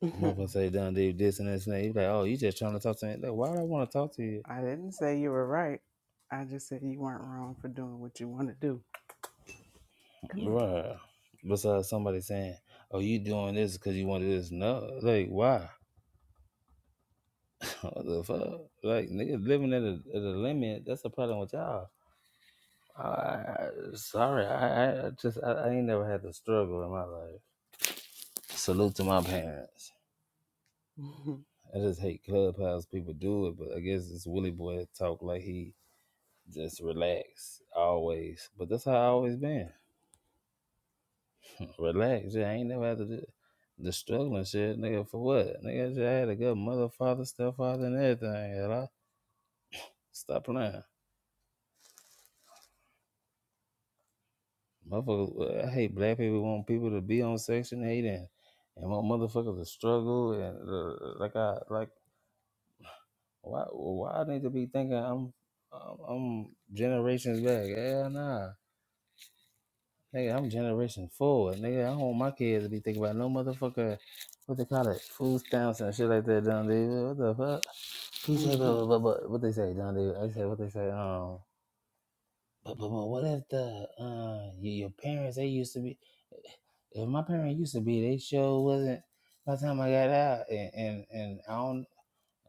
Speaker 2: do.
Speaker 1: Motherfucker say, John Diva, this and this and that. You be like, oh, you just trying to talk to me. Like, why do I want to talk to you?
Speaker 2: I didn't say you were right. I just said you weren't wrong for doing what you want to do. Come
Speaker 1: Right. Besides somebody saying, oh, you doing this because you want this. No. Like, why? what the fuck? Like, niggas living at a, at a limit. That's the problem with y'all I, I- sorry, I, I just I, I ain't never had the struggle in my life. Salute to my parents.
Speaker 2: here.
Speaker 1: I just hate clubhouse people do it, but I guess it's Willie Boy talk like he just relax always. But that's how I always been. Relax. Yeah, I ain't never had to do the struggling shit, nigga. For what, nigga? I just had a good mother, father, stepfather, and everything. And I stop playing. Motherfuckers, uh, I hate black people. Want people to be on section eight and and want motherfuckers to struggle and uh, like I like. Why? Why I need to be thinking I'm I'm, I'm generations back? Yeah, nah, nigga, I'm generation forward, nigga. I don't want my kids to be thinking about no motherfucker. What they call it? Food stamps and shit like that, Don David. What the fuck? He said,
Speaker 2: Mhm,
Speaker 1: but, but, but, what they say, Don David? I said, what they say? Um, but, but, but what if the uh your, your parents they used to be? If my parents used to be, they sure wasn't. By the time I got out, and and, and I don't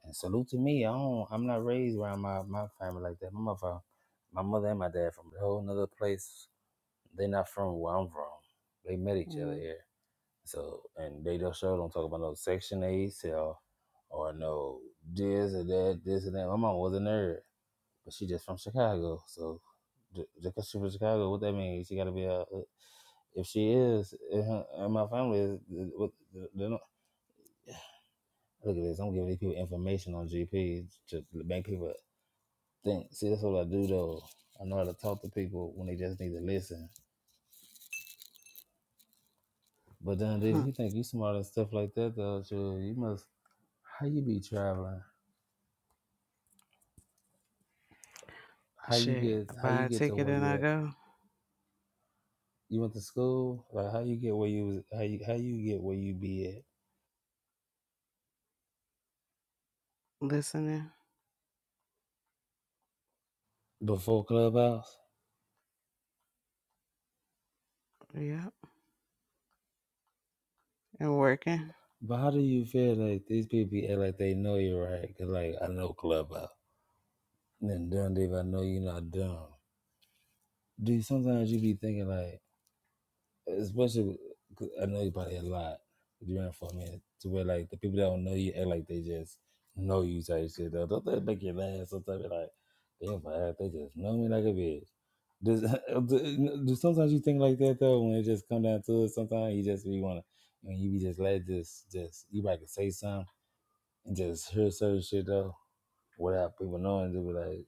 Speaker 1: and salute to me. I don't I'm not raised around my, my family like that. My mother my mother and my dad from a whole nother place. They're not from where I'm from. They met each other
Speaker 2: mhm,
Speaker 1: here. So and they don't sure don't talk about no section eight or or no this or that, this and that. My mom was a nerd, but she just from Chicago. So ju- just because she from Chicago, what that means? She got to be a. If she is, uh, and my family is, uh, what- uh, they don't- look at this. I'm giving these people information on GP to make people think see that's what I do though. I know how to talk to people when they just need to listen. But then if
Speaker 2: mhm.
Speaker 1: you think you smart and stuff like that though, sure, you must how you be traveling? How you
Speaker 2: Shit,
Speaker 1: get
Speaker 2: I
Speaker 1: how
Speaker 2: buy
Speaker 1: you
Speaker 2: a
Speaker 1: get to
Speaker 2: ticket
Speaker 1: where
Speaker 2: and
Speaker 1: you
Speaker 2: I
Speaker 1: at?
Speaker 2: go.
Speaker 1: You went to school? Like how you get where you was how you how you get where you be at
Speaker 2: Listening,
Speaker 1: before Clubhouse?
Speaker 2: yep, and working.
Speaker 1: But how do you feel like these people be act like they know you right? Cause like I know Clubhouse. And then Dundee, I know you're not dumb. Dude, sometimes you be thinking like especially 'cause I know you probably a lot during for a minute to where like the people that don't know you act like they just know you type shit though. Don't that make you laugh sometimes? Be Like damn, if I act, they just know me like a bitch. Does, do do sometimes you think like that though when it just come down to it? Sometimes you just be wanna and you be just let just just you might can say something and just hear certain shit though without people knowing. They be like,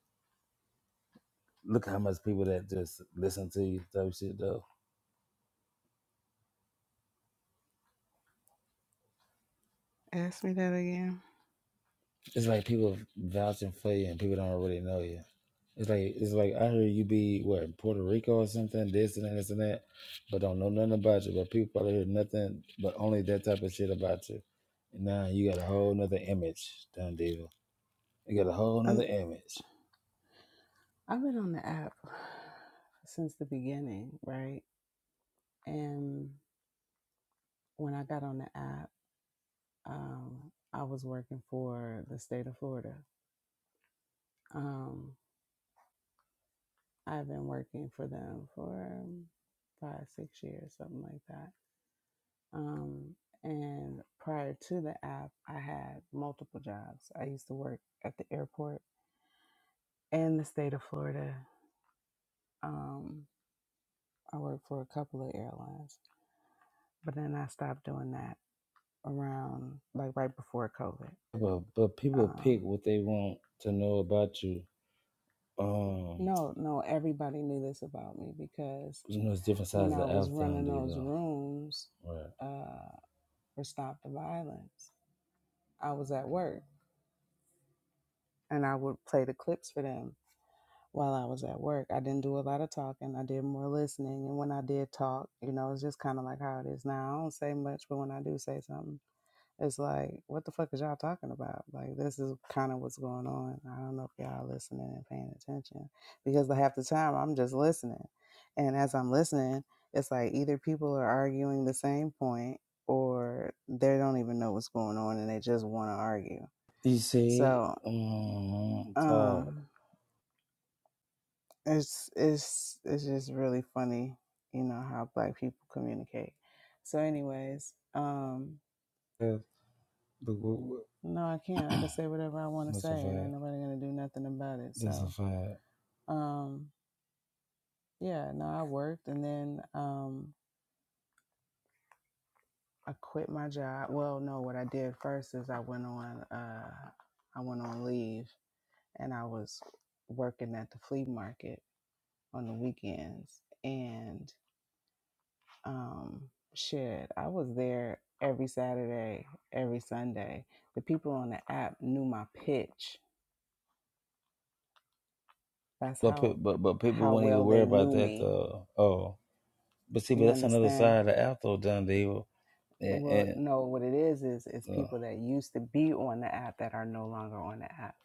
Speaker 1: look how much people that just listen to you type shit though.
Speaker 2: Ask me that again.
Speaker 1: It's like people vouching for you and people don't really know you. It's like it's like I hear you be what in Puerto Rico or something, this and that, this and that, but don't know nothing about you. But people probably hear nothing but only that type of shit about you. And now you got a whole nother image, Don Diva. You got a whole nother
Speaker 2: Um.
Speaker 1: image.
Speaker 2: I've been on the app since the beginning, right? And when I got on the app, um, I was working for the state of Florida. Um, I've been working for them for um, five, six years, something like that. Um, and prior to the app, I had multiple jobs. I used to work at the airport in the state of Florida. Um, I worked for a couple of airlines, but then I stopped doing that around like right before COVID.
Speaker 1: But but people pick
Speaker 2: Um,
Speaker 1: what they want to know about you. Um,
Speaker 2: no, no, everybody knew this about me because
Speaker 1: you know it's different
Speaker 2: when
Speaker 1: sides of
Speaker 2: I was
Speaker 1: the Don
Speaker 2: running those
Speaker 1: Diva.
Speaker 2: rooms
Speaker 1: Right.
Speaker 2: uh, for Stop the Violence, I was at work and I would play the clips for them while I was at work. I didn't do a lot of talking, I did more listening. And when I did talk, you know, it's just kind of like how it is now. I don't say much, but when I do say something, It's like, what the fuck is y'all talking about? Like, this is kind of what's going on. I don't know if y'all listening and paying attention because half the time I'm just listening. And as I'm listening, it's like either people are arguing the same point or they don't even know what's going on and they just want to argue.
Speaker 1: Dice,
Speaker 2: So,
Speaker 1: um, talk.
Speaker 2: um, it's it's it's just really funny, you know, how black people communicate. So anyways, um.
Speaker 1: The group
Speaker 2: No, I can't. I can say whatever I want to say,
Speaker 1: that's a
Speaker 2: and ain't
Speaker 1: fact.
Speaker 2: nobody gonna do nothing about it.
Speaker 1: That's a
Speaker 2: So,
Speaker 1: fact.
Speaker 2: um, yeah, no, I worked, and then um, I quit my job. Well, no, what I did first is I went on, uh, I went on leave, and I was working at the flea market on the weekends, and um, shit, I was there every Saturday, every Sunday. The people on the app knew my pitch. That's
Speaker 1: But pe-
Speaker 2: how
Speaker 1: but but people
Speaker 2: how
Speaker 1: wouldn't even
Speaker 2: well
Speaker 1: worry
Speaker 2: they
Speaker 1: about
Speaker 2: knew
Speaker 1: that
Speaker 2: me
Speaker 1: though. Oh, but see, but
Speaker 2: You
Speaker 1: that's another
Speaker 2: understand?
Speaker 1: side of the afro done deal,
Speaker 2: They
Speaker 1: and,
Speaker 2: will
Speaker 1: and
Speaker 2: know what it is is it's
Speaker 1: uh,
Speaker 2: people that used to be on the app that are no longer on the app.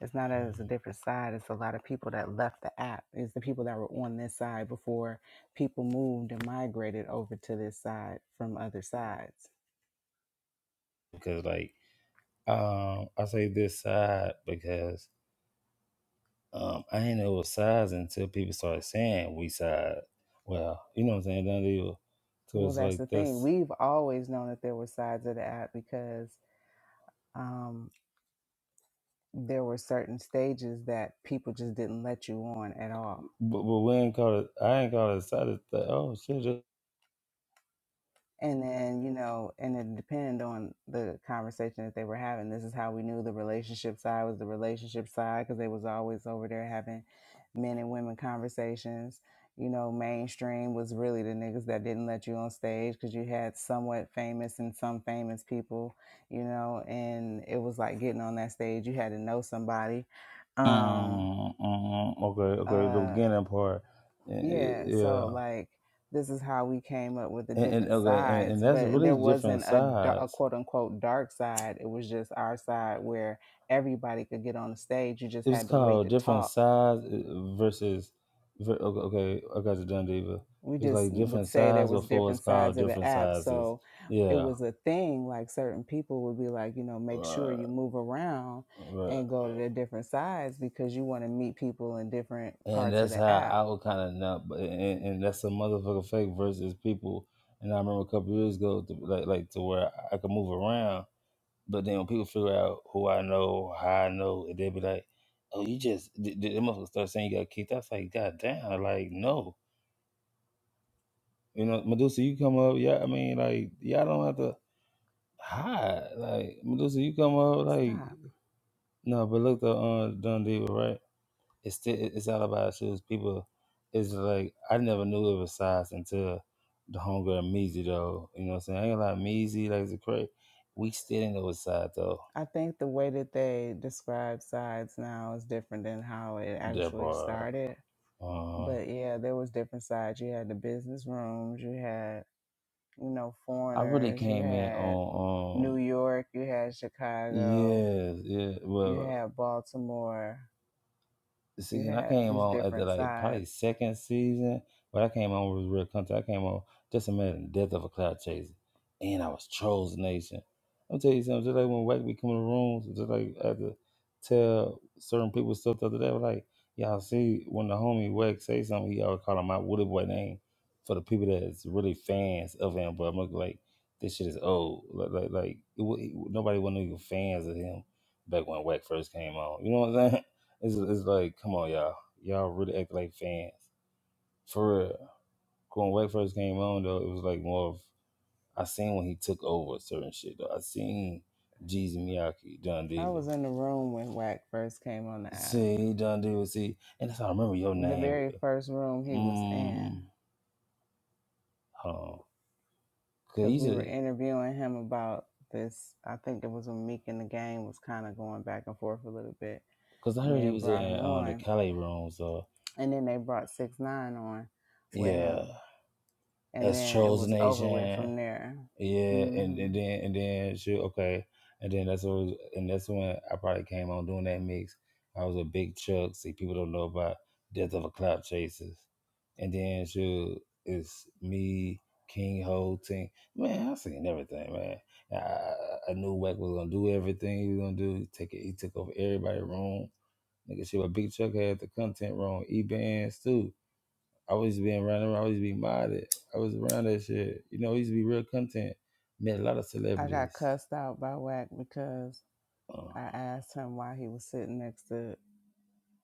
Speaker 2: It's not as a different side. It's a lot of people that left the app. It's the people that were on this side before people moved and migrated over to this side from other sides.
Speaker 1: because like um, I say this side because um, I ain't know what size until people started saying we side. Well, you know what I'm saying, done deal. So
Speaker 2: Well,
Speaker 1: it's
Speaker 2: that's
Speaker 1: like
Speaker 2: the thing.
Speaker 1: this.
Speaker 2: We've always known that there were sides of the app because um, there were certain stages that people just didn't let you on at all
Speaker 1: But, but we ain't call it. I ain't call it excited. That, oh shit! Just,
Speaker 2: and then you know and it depended on the conversation that they were having this is how we knew the relationship side was the relationship side because they was always over there having men and women conversations you know mainstream was really the niggas that didn't let you on stage because you had somewhat famous and some famous people you know and it was like getting on that stage you had to know somebody um
Speaker 1: mm, mm, okay, okay. The
Speaker 2: Uh.
Speaker 1: beginning part, Eh, eh,
Speaker 2: Yeah,
Speaker 1: yeah.
Speaker 2: so like this is how we came up with the
Speaker 1: And, and
Speaker 2: different
Speaker 1: okay, and,
Speaker 2: sides,
Speaker 1: and that's
Speaker 2: but there
Speaker 1: really different
Speaker 2: wasn't a, da- a
Speaker 1: sides.
Speaker 2: quote unquote dark side. It was just our side where everybody could get on the stage. You just
Speaker 1: It was
Speaker 2: had to wait
Speaker 1: called
Speaker 2: to
Speaker 1: different
Speaker 2: talk.
Speaker 1: sides eh, versus. ver- Okay, okay, I got you done, Diva.
Speaker 2: We
Speaker 1: It was
Speaker 2: just
Speaker 1: like
Speaker 2: would
Speaker 1: different
Speaker 2: say there
Speaker 1: sides
Speaker 2: was
Speaker 1: before it's
Speaker 2: different sides
Speaker 1: called
Speaker 2: of the
Speaker 1: different
Speaker 2: app,
Speaker 1: sizes.
Speaker 2: so it
Speaker 1: Yeah.
Speaker 2: was a thing. Like certain people would be like, you know, make sure
Speaker 1: right,
Speaker 2: you move around
Speaker 1: Right.
Speaker 2: and go to the different sides because you want to meet people in different
Speaker 1: And
Speaker 2: parts of
Speaker 1: that's how
Speaker 2: the app.
Speaker 1: I would kind of not, but- and, and that's a motherfucker fake versus people. And I remember a couple years ago, to, like like to where I could move around, but then when people figure out who I know, how I know, and they'd be like, "Oh, you just," th- th- them motherfuckers start saying you got kicked. I was like, "God damn!" Like, no, you know, Medusa, you come up, yeah. I mean, like, y'all don't have to hide. Like, Medusa, you come up, like,
Speaker 2: Stop.
Speaker 1: no, but look, the uh, done deal, right? it's still, it's all about shoes. People, it's like I never knew it was size until the homegirl Measy though. You know what I'm saying? I ain't like Measy, like it's crazy. We still didn't know what size though.
Speaker 2: I think the way that they describe sides now is different than how it
Speaker 1: That
Speaker 2: actually
Speaker 1: part.
Speaker 2: started.
Speaker 1: Uh,
Speaker 2: But yeah, there was different sides. You had the business rooms, you had, you know,
Speaker 1: I really
Speaker 2: foreigners, you
Speaker 1: came in
Speaker 2: had
Speaker 1: on
Speaker 2: New
Speaker 1: um
Speaker 2: York, you had Chicago,
Speaker 1: yeah yeah
Speaker 2: you
Speaker 1: well
Speaker 2: had Baltimore, you
Speaker 1: see, and I
Speaker 2: had
Speaker 1: came
Speaker 2: these
Speaker 1: on after
Speaker 2: different
Speaker 1: like probably
Speaker 2: sides.
Speaker 1: second season, but I came on with real content. I came on just a minute and death of a cloud chaser, and I was Trolls Nation. I'm tell you something, just like when Wack be coming to rooms, just like I had to tell certain people stuff the other day. I was like, y'all see, when the homie Wack say something, he always call him my Woody Boy name for the people that's really fans of him. But I'm looking like this shit is old. Like, like, like it, wa- it, nobody wasn't even fans of him back when Wack first came on. You know what I'm saying? It's, it's like, come on, y'all. Y'all really act like fans. For real. When Wake first came on, though, it was like more of, I seen when he took over certain shit, though. I seen Jeezy Miyake, Don
Speaker 2: I
Speaker 1: Diva.
Speaker 2: was in the room when Wack first came on the app.
Speaker 1: See, Don Diva, see. And that's how I remember your
Speaker 2: The
Speaker 1: name.
Speaker 2: very first room he was in.
Speaker 1: Mm, hold on. Cause,
Speaker 2: because
Speaker 1: he's
Speaker 2: we were
Speaker 1: a,
Speaker 2: interviewing him about this. I think it was when Meek and the Game was kind of going back and forth a little bit,
Speaker 1: Cause I
Speaker 2: and
Speaker 1: heard
Speaker 2: they
Speaker 1: he
Speaker 2: had
Speaker 1: was
Speaker 2: brought him
Speaker 1: in um, the
Speaker 2: on,
Speaker 1: Cali room, so
Speaker 2: and then they brought Six Nine on with
Speaker 1: yeah.
Speaker 2: him, and
Speaker 1: As
Speaker 2: then it
Speaker 1: Trolls
Speaker 2: was over with
Speaker 1: Nation.
Speaker 2: from there.
Speaker 1: Yeah, and,
Speaker 2: hmm
Speaker 1: and then and then she okay, and then that's what was, and that's when I probably came on doing that mix. I was a big Chuck. See, people don't know about Death of a Cloud Chasers, and then she it's me King Ho Ting. Man, I seen everything, man. I, I I knew Wack was gonna do everything he was gonna do. Take it, he took over everybody's room. Nigga, shit, but Big Chuck had the content wrong. E bands too. I was being around him. I always be modded. I was around that shit. You know, he used to be real content. Met a lot of
Speaker 2: I got
Speaker 1: celebrities.
Speaker 2: cussed out by Wack because
Speaker 1: Uh,
Speaker 2: I asked him why he was sitting next to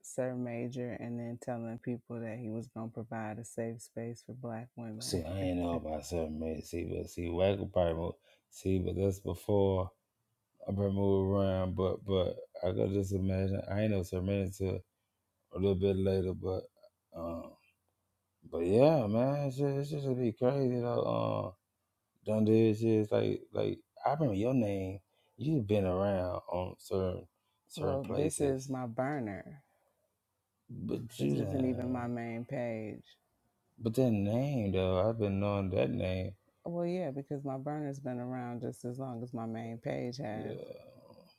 Speaker 2: Sir Major and then telling people that he was going to provide a safe space for black women.
Speaker 1: see, I ain't know about seven minutes. See, but see, Waggle probably moved. See, but that's before I probably moved around. But but I could just imagine. I ain't know seven minutes until a little bit later. But um, but yeah, man, it's just, it's just be crazy though. Uh, done did shit. It's like like I remember your name. You've been around on certain certain
Speaker 2: well, this is
Speaker 1: places
Speaker 2: my burner.
Speaker 1: But
Speaker 2: This
Speaker 1: you
Speaker 2: isn't even my
Speaker 1: done,
Speaker 2: main page.
Speaker 1: but that name though, I've been knowing that name.
Speaker 2: Well, yeah, because my burner's been around just as long as my main page
Speaker 1: Uh,
Speaker 2: has.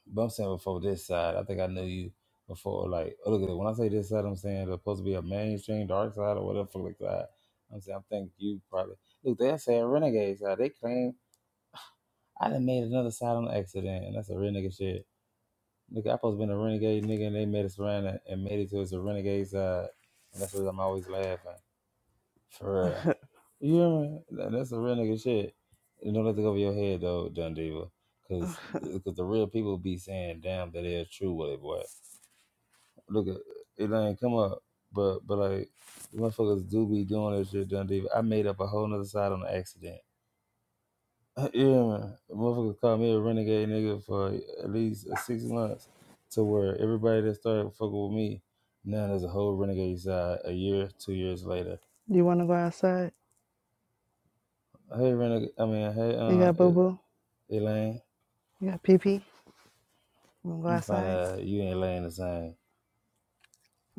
Speaker 1: but I'm saying before this side, I think I knew you before. Like, oh, look at it. When I say this side, I'm saying it's supposed to be a mainstream dark side or whatever like that. I'm saying I think you probably look. They're saying renegade side. They claim I done made another side on accident, and that's a real nigga shit. Look, I supposed to been a renegade nigga, and they made us around and and made it to it's a renegade side, and that's what I'm always laughing. For real. You know, that- that's the real nigga shit. And don't let it go over your head though, John Diva.
Speaker 2: Ugh.
Speaker 1: Cause, uh, cause the real people be saying damn that is true with it, boy. Look at it ain't come up. But but like the motherfuckers do be doing that shit, John Diva. I made up a whole nother side on accident. Yeah, man. The Motherfuckers called me a renegade nigga for uh, at least uh, six months to where everybody that started fucking with me, now there's a whole renegade side a year, two years later.
Speaker 2: You want to go outside?
Speaker 1: Hey, renegade. I mean, hey,
Speaker 2: You got boo
Speaker 1: uh.
Speaker 2: boo?
Speaker 1: Elaine,
Speaker 2: You got pee pee? You want to go
Speaker 1: I'm gonna find
Speaker 2: outside?
Speaker 1: out you and Elaine the same.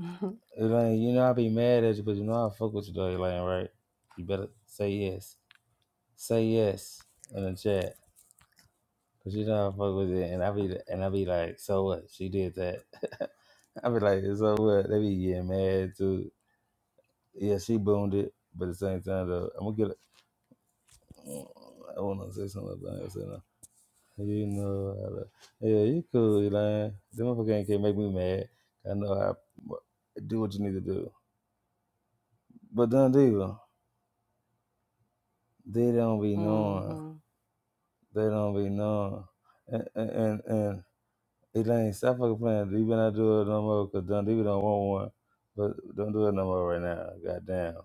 Speaker 2: Mhm.
Speaker 1: Elaine, you know I be mad at you, but you know I fuck with you though, Elaine, right? You better say yes. Say yes in the chat. Cause you know I fuck with it. And I
Speaker 2: Stop.
Speaker 1: be and I be like, so what? She did that. I be like, so what? They be getting mad too. Yeah, she boomed it, but at the same time though, I'm gonna get it. I wanna say something, but I ain't say no. You know I love- Yeah, you cool, Elaine. Them motherfucker ain't can make me mad. I know I do what you need to do. But them do. They don't be knowing.
Speaker 2: hmm
Speaker 1: They don't be knowing. And and and, and Elaine, stop fucking playing. You better not do it no more because Don Diva don't want one. But don't do it no more right now. Goddamn.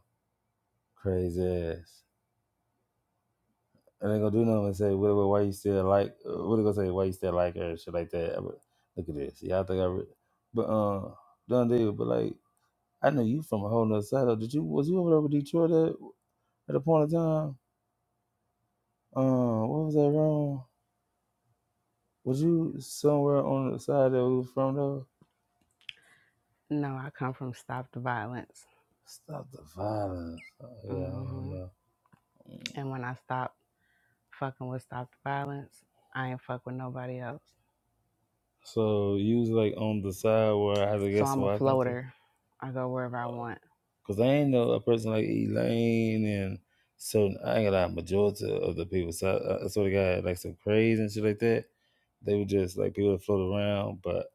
Speaker 1: Crazy ass. And they gonna do nothing and say, what, what, why you still like uh, what they gonna say, why you still like her and shit like that. But look at this. Y'all think I re- but um Don Diva, but like I know you from a whole nother side of did you was you over there with Detroit at, at a point of time? Um, what was that wrong? Was you somewhere on the side that we was from though?
Speaker 2: No, I come from Stop the Violence.
Speaker 1: Stop the violence. Oh, Yeah, I don't
Speaker 2: hmm
Speaker 1: know. Mm.
Speaker 2: And when I stop fucking with Stop the Violence, I ain't fuck with nobody else.
Speaker 1: So you was like on the side where I had to
Speaker 2: So
Speaker 1: guess
Speaker 2: I'm a
Speaker 1: where I come to,
Speaker 2: floater. I go wherever I want.
Speaker 1: cause I ain't know a person like Elaine and certain. I ain't got to majority of the people. So I, I sort of got like some craze and shit like that. They were just like people that float around. But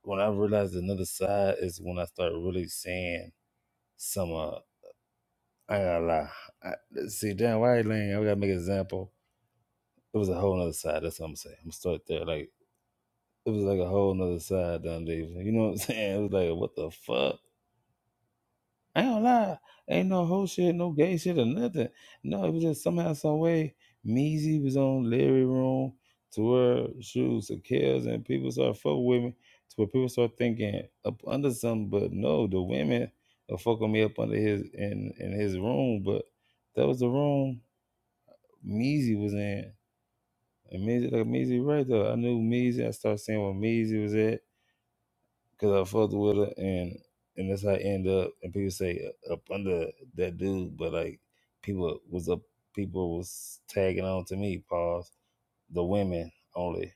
Speaker 1: when I realized another side is when I started really seeing some. Uh, I ain't gonna lie. I, see, damn, why Elaine? I gotta make an example it was a whole nother side. That's what I'm saying. I'm gonna start there. Like it was like a whole nother side down there. You know what I'm saying? It was like what the fuck? I ain't gonna lie. Ain't no whole shit, no gay shit or nothing. No, it was just somehow, some way, Measy was on Larry Room to where shoes to kills and people start fucking with me to where people start thinking up under something, but no, the women are fucking me up under his in in his room, but that was the room Measy was in. Amazing, like Maisie, right though. I knew Maisie. I started seeing where Maisie was at because I fucked with her, and and that's how I end up. And people say uh, up under that dude, but like people was up, people was tagging on to me. Pause. The women only.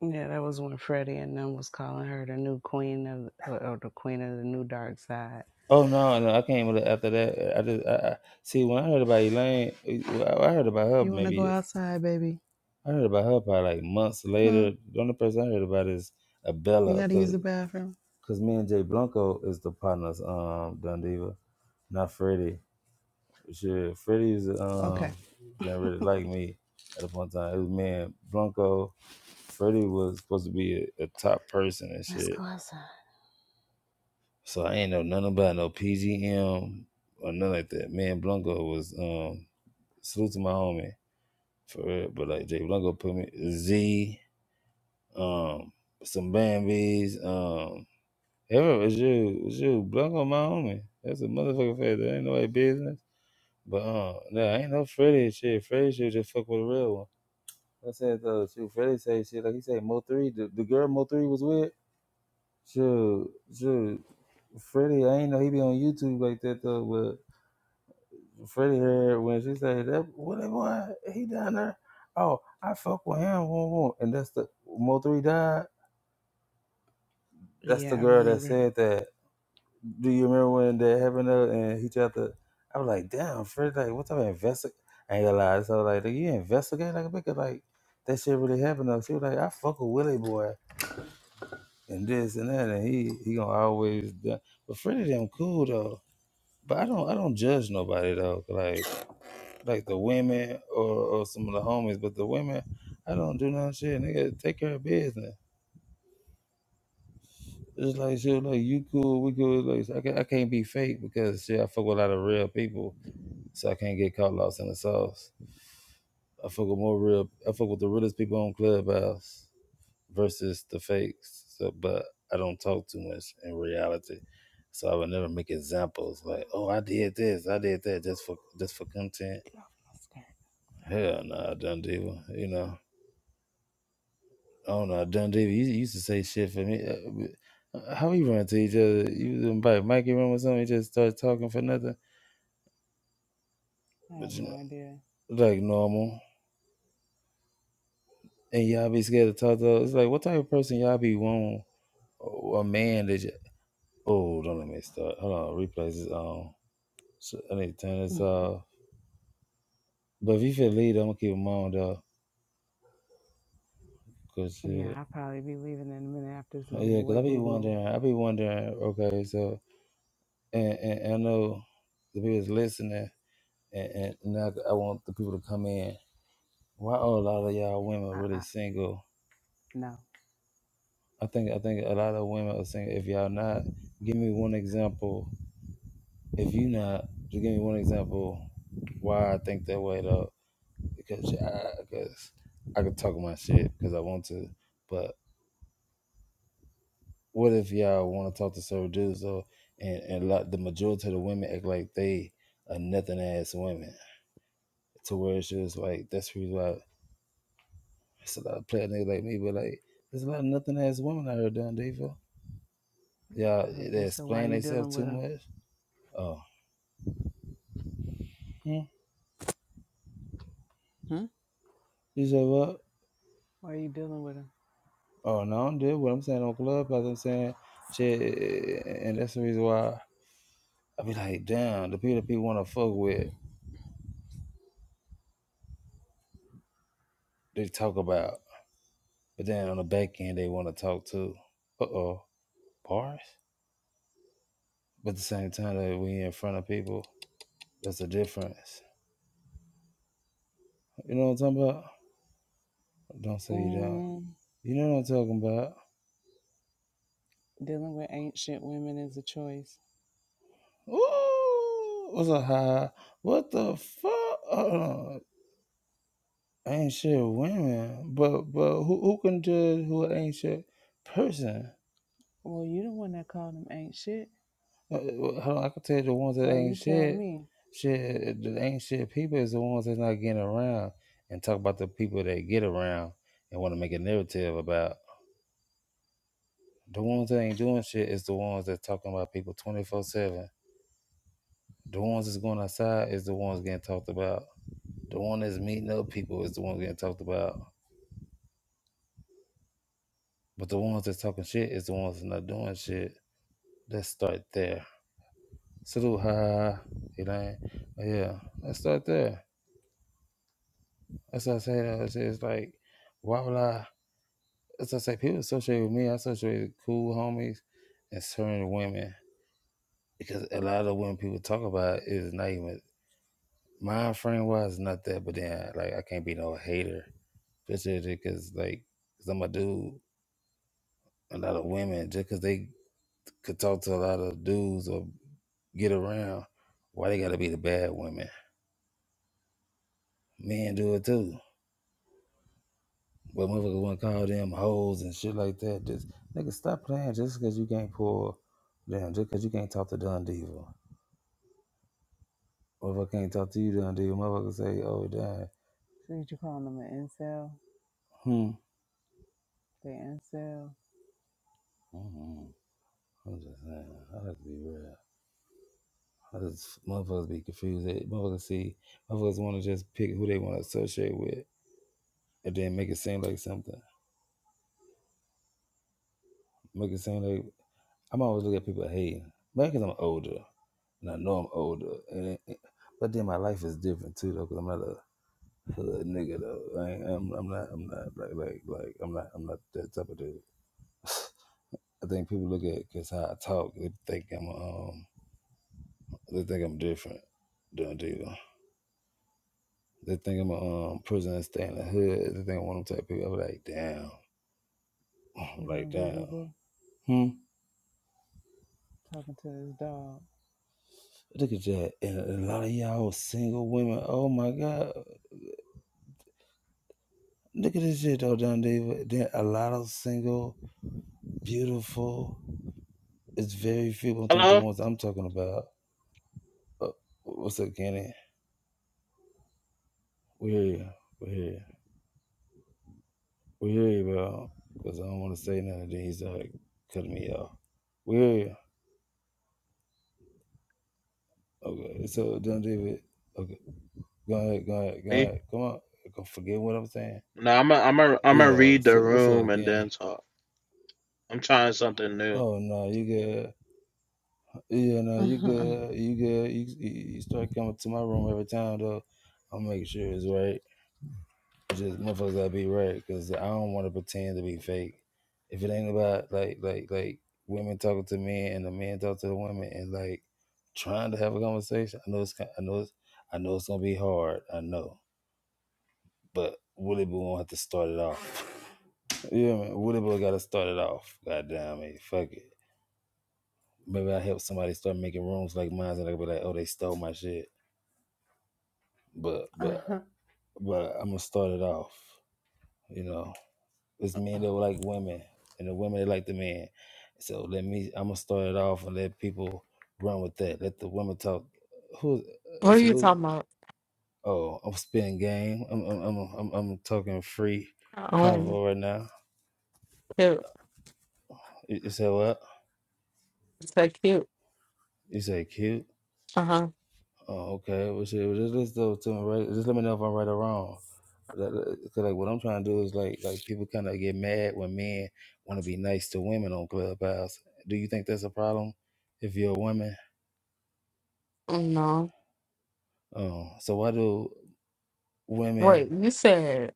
Speaker 2: Yeah, that was when Freddie and them was calling her the new queen of, or or the queen of the new dark side.
Speaker 1: Oh no, no, I came with it after that. I just I, I see when I heard about Elaine, eh, well, I heard about her
Speaker 2: You want to go
Speaker 1: maybe
Speaker 2: outside, baby?
Speaker 1: I heard about her probably like months later. The only person I heard about is
Speaker 2: You
Speaker 1: Abella,
Speaker 2: gotta use
Speaker 1: cause
Speaker 2: the bathroom.
Speaker 1: cause me and Jay Blanco is the partners, um, Dundiva. Not Freddie. Shit, Freddie's
Speaker 2: Okay.
Speaker 1: um didn't really like me at a point in time. It was me and Blanco. Freddie was supposed to be a, a top person and
Speaker 2: Let's go
Speaker 1: shit.
Speaker 2: outside.
Speaker 1: So I ain't know nothing about no PGM or nothing like that. Me and Blanco was um salute to my homie for real. But like Jay Blanco put me Z, um, some Bambies, um, yeah, was you, was you, Blanco, my homie. That's a motherfucking fact. That ain't nobody business. But uh, nah, ain't no Freddie and shit. Freddie should just fuck with a real one. I said though, shoot, Freddie say shit like he say Mo three, the, the girl Mo three was with. Shoot, shoot, Freddie, I ain't know he be on YouTube like that though. But Freddie heard when she say that, what that boy, he down there. Oh, I fuck with him, woo, woo. and that's the Mo three died. That's the
Speaker 2: Yeah, I
Speaker 1: girl that
Speaker 2: remember.
Speaker 1: said that. Do you remember when that happened though? And he tried to. I was like, damn, Fred, like, what type of investigate? I ain't gonna lie. So, like, you investigate like a nigga, like, that shit really happened though. She was like, I fuck with Willie boy and this and that, and he he gonna always. do- But Freddie them cool though. But I don't I don't judge nobody though. Like like the women or or some of the homies, but the women, I don't do none shit. Nigga, take care of business. It's like shit, like you cool, we cool. Like I can't, I can't be fake because shit, I fuck with a lot of real people so I can't get caught lost in the sauce. I fuck with more real. I fuck with the realest people on Clubhouse versus the fakes. So, but I don't talk too much in reality, so I would never make examples like, "Oh, I did this, I did that," just for just for content.
Speaker 2: Get off my skirt.
Speaker 1: Hell no, nah, Dun Diva. You know, oh no, Dun Diva. You, you used to say shit for me. Uh, How we run to each other? You invite Mikey room or something? You just start talking for nothing.
Speaker 2: No, I
Speaker 1: But
Speaker 2: have
Speaker 1: you
Speaker 2: no
Speaker 1: know,
Speaker 2: idea.
Speaker 1: like normal. and y'all be scared to talk to. us. It's like what type of person y'all be want? Oh, A man that just oh, don't let me start. Hold on, replays is on. So I need to turn this off. But if you feel lead, I'm gonna keep them on though, cause
Speaker 2: yeah,
Speaker 1: shit.
Speaker 2: I'll probably be leaving in a minute after this little
Speaker 1: yeah, cause
Speaker 2: boy
Speaker 1: I be
Speaker 2: boo boo.
Speaker 1: wondering, I be wondering. Okay, so and, and, and I know the people that's listening, and, and now I want the people to come in. Why are a lot of y'all women
Speaker 2: Uh
Speaker 1: really
Speaker 2: uh.
Speaker 1: single?
Speaker 2: No.
Speaker 1: I think I think a lot of women are single. If y'all not, give me one example if you not to give me one example why I think that way though, because because I could talk my shit because I want to, but what if y'all want to talk to certain dudes though, and and lot, the majority of the women act like they are nothing ass women to where it's just like that's who like it's a lot of player niggas like me, but like there's a lot of nothing ass women out here doing diva. Y'all they
Speaker 2: Okay, so why
Speaker 1: explain
Speaker 2: you dealing
Speaker 1: themselves
Speaker 2: with
Speaker 1: too
Speaker 2: him?
Speaker 1: much. Oh, hmm.
Speaker 2: Hmm?
Speaker 1: you say what?
Speaker 2: Why are you dealing with him?
Speaker 1: Oh, no, i What I'm saying on club, Clubhouse, I'm saying shit, and that's the reason why I be like, damn, the people that people want to fuck with, they talk about, but then on the back end, they want to talk to. Uh oh, bars. But at the same time, that we in front of people, that's the difference. You know what I'm talking about? Don't say you don't.
Speaker 2: Mm,
Speaker 1: You know what I'm talking about?
Speaker 2: dealing with ancient women is a choice.
Speaker 1: Ooh, what's a high? What the fuck? ain't shit women, but but who who can judge who an ain't shit person?
Speaker 2: Well, you the one that called them ain't shit.
Speaker 1: Uh, uh, Hold on, I can tell you the ones that
Speaker 2: So you
Speaker 1: ain't
Speaker 2: tell
Speaker 1: shit,
Speaker 2: me.
Speaker 1: shit the ain't shit people is the ones that's not getting around and talk about the people that get around and want to make a narrative about. The ones that ain't doing shit is the ones that's talking about people twenty four seven. The ones that's going outside is the ones getting talked about. The one that's meeting up people is the one getting talked about. But the ones that's talking shit is the ones that's not doing shit. Let's start there. It's a ha ha. ha. yeah, let's start there. That's what I say. Though. It's it's like, why would I? That's what I say. People associate with me. I associate with cool homies and certain women because a lot of the women people talk about is not even mind frame wise, not that. But then, like, I can't be no hater, especially because like, cause I'm a dude. A lot of women just because they could talk to a lot of dudes or get around, why they gotta be the bad women? Men do it too But motherfuckers want to call them hoes and shit like that. Just nigga, stop playing just because you can't pull down, just because you can't talk to Don Diva. Motherfucker can't talk to you, Don Diva. Motherfucker say, oh, damn.
Speaker 2: Did you call them an incel?
Speaker 1: Hmm.
Speaker 2: They incel.
Speaker 1: hmm I'm just saying, I like to be real. I just, motherfuckers be confused. They, motherfuckers see, motherfuckers want to just pick who they want to associate with and then make it seem like something. Make it seem like, I'm always looking at people hating. Maybe because I'm older and I know I'm older. And, but then my life is different too, though, because I'm not a hood nigga though. I ain't, I'm, I'm not. I'm not like like like. I'm not. I'm not that type of dude. I think people look at because how I talk. They think I'm um. They think I'm different than a dealer. They think I'm a um prisoner stay in the hood. They think I'm one of them type of people. I'm like damn. I'm
Speaker 2: You gonna
Speaker 1: like
Speaker 2: go boo
Speaker 1: damn.
Speaker 2: boo?
Speaker 1: Hmm.
Speaker 2: Talking
Speaker 1: Look at that. And a lot of y'all single women. Oh my god. Look at this shit though, Don David. There a lot of single, beautiful. It's very few. I'm talking about the
Speaker 4: Hello?
Speaker 1: ones I'm talking about. Uh, what's up, Kenny? We hear you. We hear you. We hear you, bro. Because I don't want to say nothing. Then he's like cutting me off. We hear you. Okay. So, John David, okay. Go ahead. Go ahead. Go
Speaker 4: Me?
Speaker 1: ahead. Come on. Go forget what I'm saying.
Speaker 4: No, I'm a, I'm a, I'm gonna
Speaker 1: Yeah.
Speaker 4: read the
Speaker 1: So, what's
Speaker 4: room
Speaker 1: up,
Speaker 4: and then
Speaker 1: Kenny?
Speaker 4: talk. I'm trying something new.
Speaker 1: Oh, no. You good. Yeah, no.
Speaker 2: to this
Speaker 1: You good. You good. You, you you start coming to my room every time, though. I'll make sure it's right. It's just motherfuckers gotta be right because I don't want to pretend to be fake. If it ain't about like like like women talking to men and the men talk to the women and like trying to have a conversation, I know it's ki- I know it's I know it's gonna be hard. I know, but Willie Boo gonna have to start it off. yeah, man, Willie Boo gotta start it off. Goddamn it, fuck it. Maybe I help somebody start making rooms like mine, and I will be like, oh, they stole my shit. But but
Speaker 2: dog.
Speaker 1: but I'm gonna start it off. You know. It's men that like women, and the women that like the men. So let me. I'm gonna start it off and let people run with that. Let the women talk. Who? uh,
Speaker 5: What are you
Speaker 1: Salute.
Speaker 5: talking about?
Speaker 1: Oh, I'm spinning game. I'm I'm I'm I'm, I'm talking free
Speaker 5: Um,
Speaker 1: convo right now.
Speaker 5: cute.
Speaker 1: You, you say what?
Speaker 5: It's like cute.
Speaker 1: You say cute.
Speaker 5: Uh huh.
Speaker 1: Oh, okay. Well, shit, well, just listen though to me, right? Just let me know if I'm right or wrong. That- that- Cause like what I'm trying to do is like like people kind of get mad when men want to be nice to women on Clubhouse. Do you think that's a problem if you're a woman?
Speaker 5: No.
Speaker 1: Oh, so why do
Speaker 5: Wait,
Speaker 1: women?
Speaker 5: you said,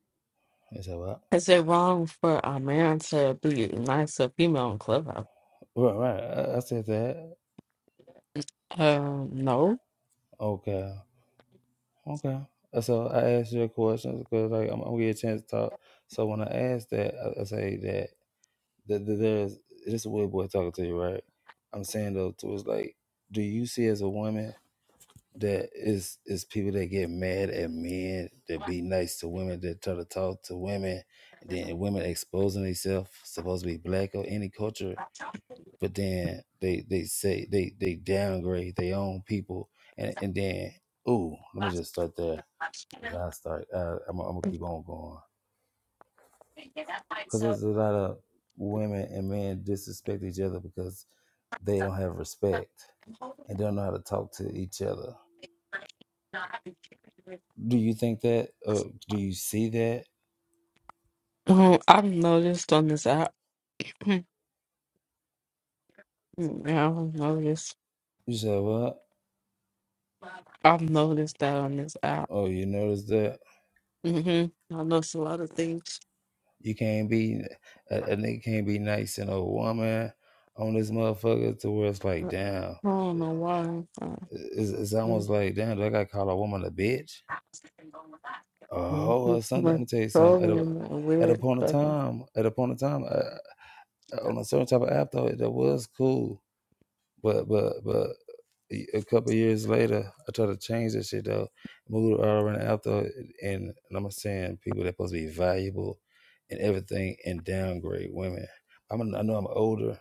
Speaker 1: I said, what?
Speaker 5: is it wrong for a man to be nice to a female in Clubhouse?
Speaker 1: Right, right. I I said that.
Speaker 5: Um, no.
Speaker 1: Okay, okay. Uh, So I asked you a question because like I'm, I'm gonna get a chance to talk. So when I asked that, I, I say that, that, that there's this a weird boy talking to you, right? I'm saying though, too, it's like, do you see as a woman that is is people that get mad at men that be nice to women that try to talk to women, and then women exposing themselves supposed to be black or any culture but then they they say they they downgrade their own people, and and then ooh, let me just start there because I start uh, I'm I'm gonna keep on going because there's a lot of women and men disrespect each other because they don't have respect and don't know how to talk to each other. Do you think that? Or do you see that?
Speaker 5: Um, I've noticed on this app. yeah, I've noticed.
Speaker 1: You said what?
Speaker 5: I've noticed that on this app.
Speaker 1: Oh, you notice that
Speaker 5: Mm-hmm. I noticed a lot of things.
Speaker 1: you can't be a, a nigga can't be nice and a woman on this motherfucker to where it's like,
Speaker 5: I
Speaker 1: damn.
Speaker 5: don't know why.
Speaker 1: It's, it's
Speaker 5: Mm,
Speaker 1: almost like, damn, do I got to call a woman a bitch? A
Speaker 5: mm,
Speaker 1: hoe or
Speaker 5: It's
Speaker 1: something? Let
Speaker 5: much
Speaker 1: me tell you something. At
Speaker 5: trolling
Speaker 1: a,
Speaker 5: and
Speaker 1: at
Speaker 5: weird
Speaker 1: upon a
Speaker 5: stuff.
Speaker 1: time, at upon a time, uh, uh, on a certain type of app though, that was cool. But but but a a couple of years later, I tried to change that shit though. Moved all around the app though, and, and I'm saying people that supposed to be valuable and everything, and downgrade women. I'm a, i am I know I'm older.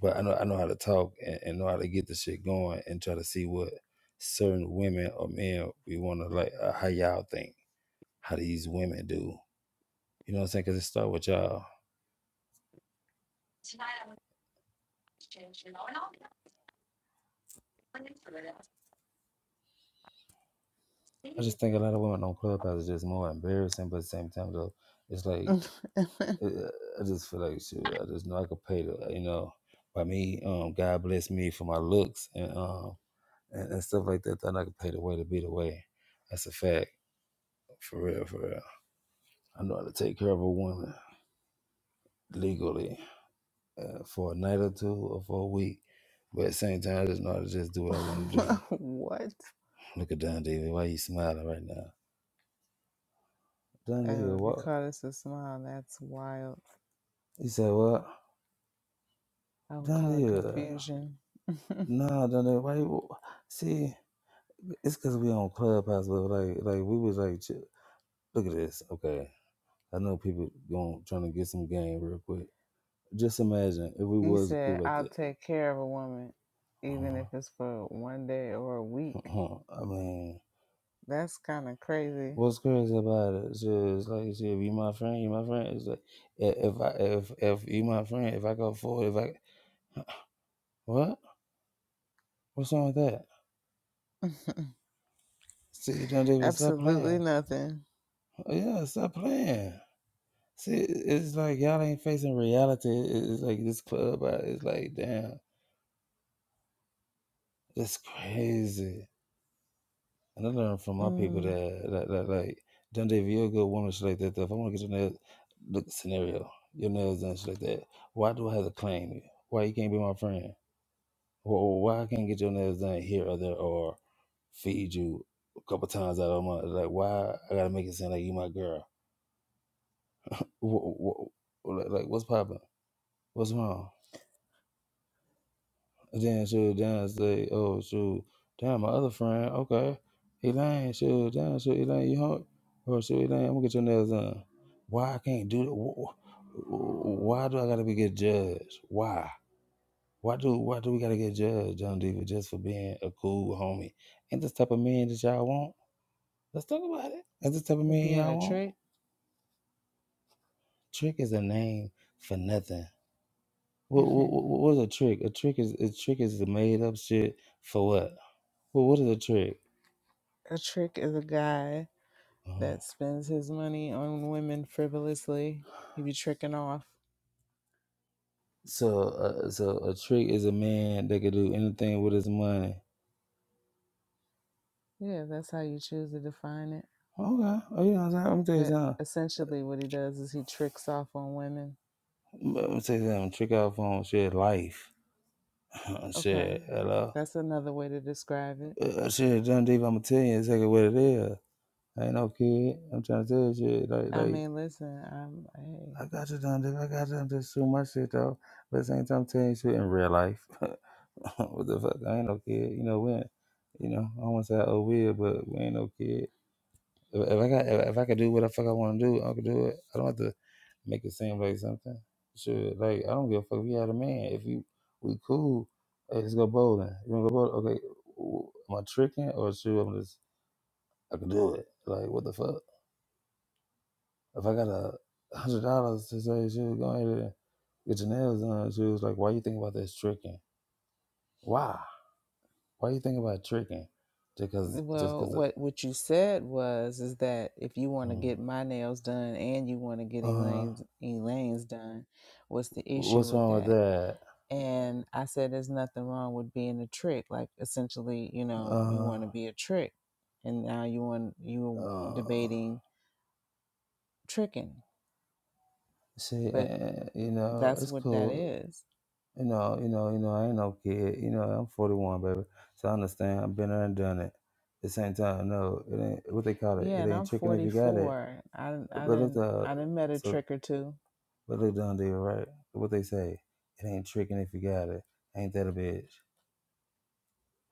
Speaker 1: but I know I know how to talk and, and know how to get the shit going and try to see what certain women or men we want to like. Uh, how y'all think? How these women do? You know what I'm saying? Because it start with y'all. I just think a lot of women on Clubhouse is just more embarrassing, but at the same time though, it's like
Speaker 2: what?
Speaker 1: uh, I just feel like shit. I just know I could pay the you know by me. Um, God bless me for my looks and um and, and stuff like that. That I could pay the way to be the way. That's a fact for real, for real. I know how to take care of a woman legally uh, for a night or two or for a week. But at the same time, I just know how to just do what I want to do. Look at Don David. Why you smiling right now? Don David,
Speaker 2: Oh, if you
Speaker 1: what?
Speaker 2: call this a smile, that's wild.
Speaker 1: He said, what?
Speaker 2: I would
Speaker 1: Don
Speaker 2: call it
Speaker 1: David. uh,
Speaker 2: confusion.
Speaker 1: Nah, Don David, why you... See, it's because we on Clubhouse, but like, like we was like, ch- look at this. Okay. I know people going trying to get some game real quick. Just imagine if we
Speaker 2: you
Speaker 1: was
Speaker 2: said,
Speaker 1: cool like
Speaker 2: I'll
Speaker 1: that.
Speaker 2: take care of a woman, even if
Speaker 1: Uh-huh.
Speaker 2: it's for one day or a week.
Speaker 1: Uh-huh. I mean...
Speaker 2: That's kind of crazy.
Speaker 1: What's crazy about it? It's just like you said, if you my friend, you my friend. It's like i- if I if if you my friend, if I go forward, if I what? What's wrong with that? See, John Davis, stop
Speaker 2: Absolutely
Speaker 1: playing.
Speaker 2: nothing.
Speaker 1: Oh, Yeah, stop playing. See, it's like y'all ain't facing reality. It- It's like this club. uh, It's like damn, it's crazy. And I learned from my people
Speaker 2: Mm,
Speaker 1: that that, that like John Davis, you're a good woman, shit like that. Though. If I want to get your nails, look scenario, your nails done, shit like that. Why do I have to claim you? Why you can't be my friend? Well, why I can't get your nails done here or there or feed you a couple times out of a month? Like, why I gotta make it seem like you my girl? Wh- wh- wh- like, like, what's popping? What's wrong? And then she down say, oh, shoot, damn, my other friend, okay. Elaine, shoot, down, shoot, Elaine, you home? Oh, shoot, Elaine, I'm gonna get your nails done. Why I can't do that? Wh- wh- Why do I gotta be get judged? Why? Why do why do we gotta get judged, John Diva, just for being a cool homie? And this type of man that y'all want? Let's talk about it. That's the type of
Speaker 2: for
Speaker 1: man
Speaker 2: being
Speaker 1: y'all
Speaker 2: a
Speaker 1: want.
Speaker 2: trick?
Speaker 1: Trick is a name for nothing. What what what
Speaker 2: a
Speaker 1: what is a trick? A trick is a trick is the made up shit for what? Well, what is a trick?
Speaker 2: trick is a guy
Speaker 1: Uh-huh.
Speaker 2: that spends his money on women frivolously. He be tricking off.
Speaker 1: So uh, so a trick is a man that could do anything with his money.
Speaker 2: Yeah, that's how you choose to define it.
Speaker 1: Okay, oh, you know what I'm saying? Let me tell you
Speaker 2: But
Speaker 1: something.
Speaker 2: essentially, what he does is he tricks off on women.
Speaker 1: Let me tell you something. Trick out phone shit life.
Speaker 2: Okay,
Speaker 1: shit, hello.
Speaker 2: that's another way to describe it.
Speaker 1: Uh, shit, John Deep, I'm gonna tell you exactly what it is. I ain't no kid. I'm trying to tell you shit like
Speaker 2: I
Speaker 1: like
Speaker 2: mean, listen, I'm hey.
Speaker 1: I got you done. If I got you done, just shoot my shit though. But at the same time, I'm telling you, shit in real life. what the fuck? I ain't no kid. You know, we ain't, you know, I want to say oh weird, but we ain't no kid. If, if I got, if, if I could do what the fuck I want to do, I could do it. I don't have to make it seem like something. Sure, like I don't give a fuck if you had a man. If you we cool, hey, let's go bowling. You wanna go bowling? Okay, w- am I tricking or shoot? I'm just I can do it. Like what the fuck? If I got a hundred dollars to say, she was going to get your nails done, she was like, why you think about this tricking? Why? Why you think about tricking? Just cause, just
Speaker 2: Well,
Speaker 1: cause, of,
Speaker 2: what what you said was is that if you want to
Speaker 1: mm,
Speaker 2: get my nails done and you want to get
Speaker 1: uh,
Speaker 2: Elaine's Elaine's done, what's the issue
Speaker 1: what's
Speaker 2: with
Speaker 1: wrong with
Speaker 2: that?
Speaker 1: that?
Speaker 2: And I said there's nothing wrong with being a trick. Like essentially, you know, you
Speaker 1: Uh,
Speaker 2: want to be a trick, and now you want you were
Speaker 1: uh,
Speaker 2: debating tricking,
Speaker 1: see,
Speaker 2: but
Speaker 1: uh, you know,
Speaker 2: that's
Speaker 1: it's
Speaker 2: what that
Speaker 1: cool.
Speaker 2: is
Speaker 1: You know, you know, you know, I ain't no kid. You know, I'm 41, baby. So I understand. I've been there and done it. At the same time, no, it ain't what they call it.
Speaker 2: Yeah,
Speaker 1: It
Speaker 2: and
Speaker 1: ain't
Speaker 2: I'm
Speaker 1: tricking if you got it.
Speaker 2: 44. I I
Speaker 1: But it's
Speaker 2: didn't
Speaker 1: uh,
Speaker 2: I didn't met a
Speaker 1: so
Speaker 2: trick or two.
Speaker 1: But look, John Deere, right? What they say, it ain't tricking if you got it. Ain't that a bitch?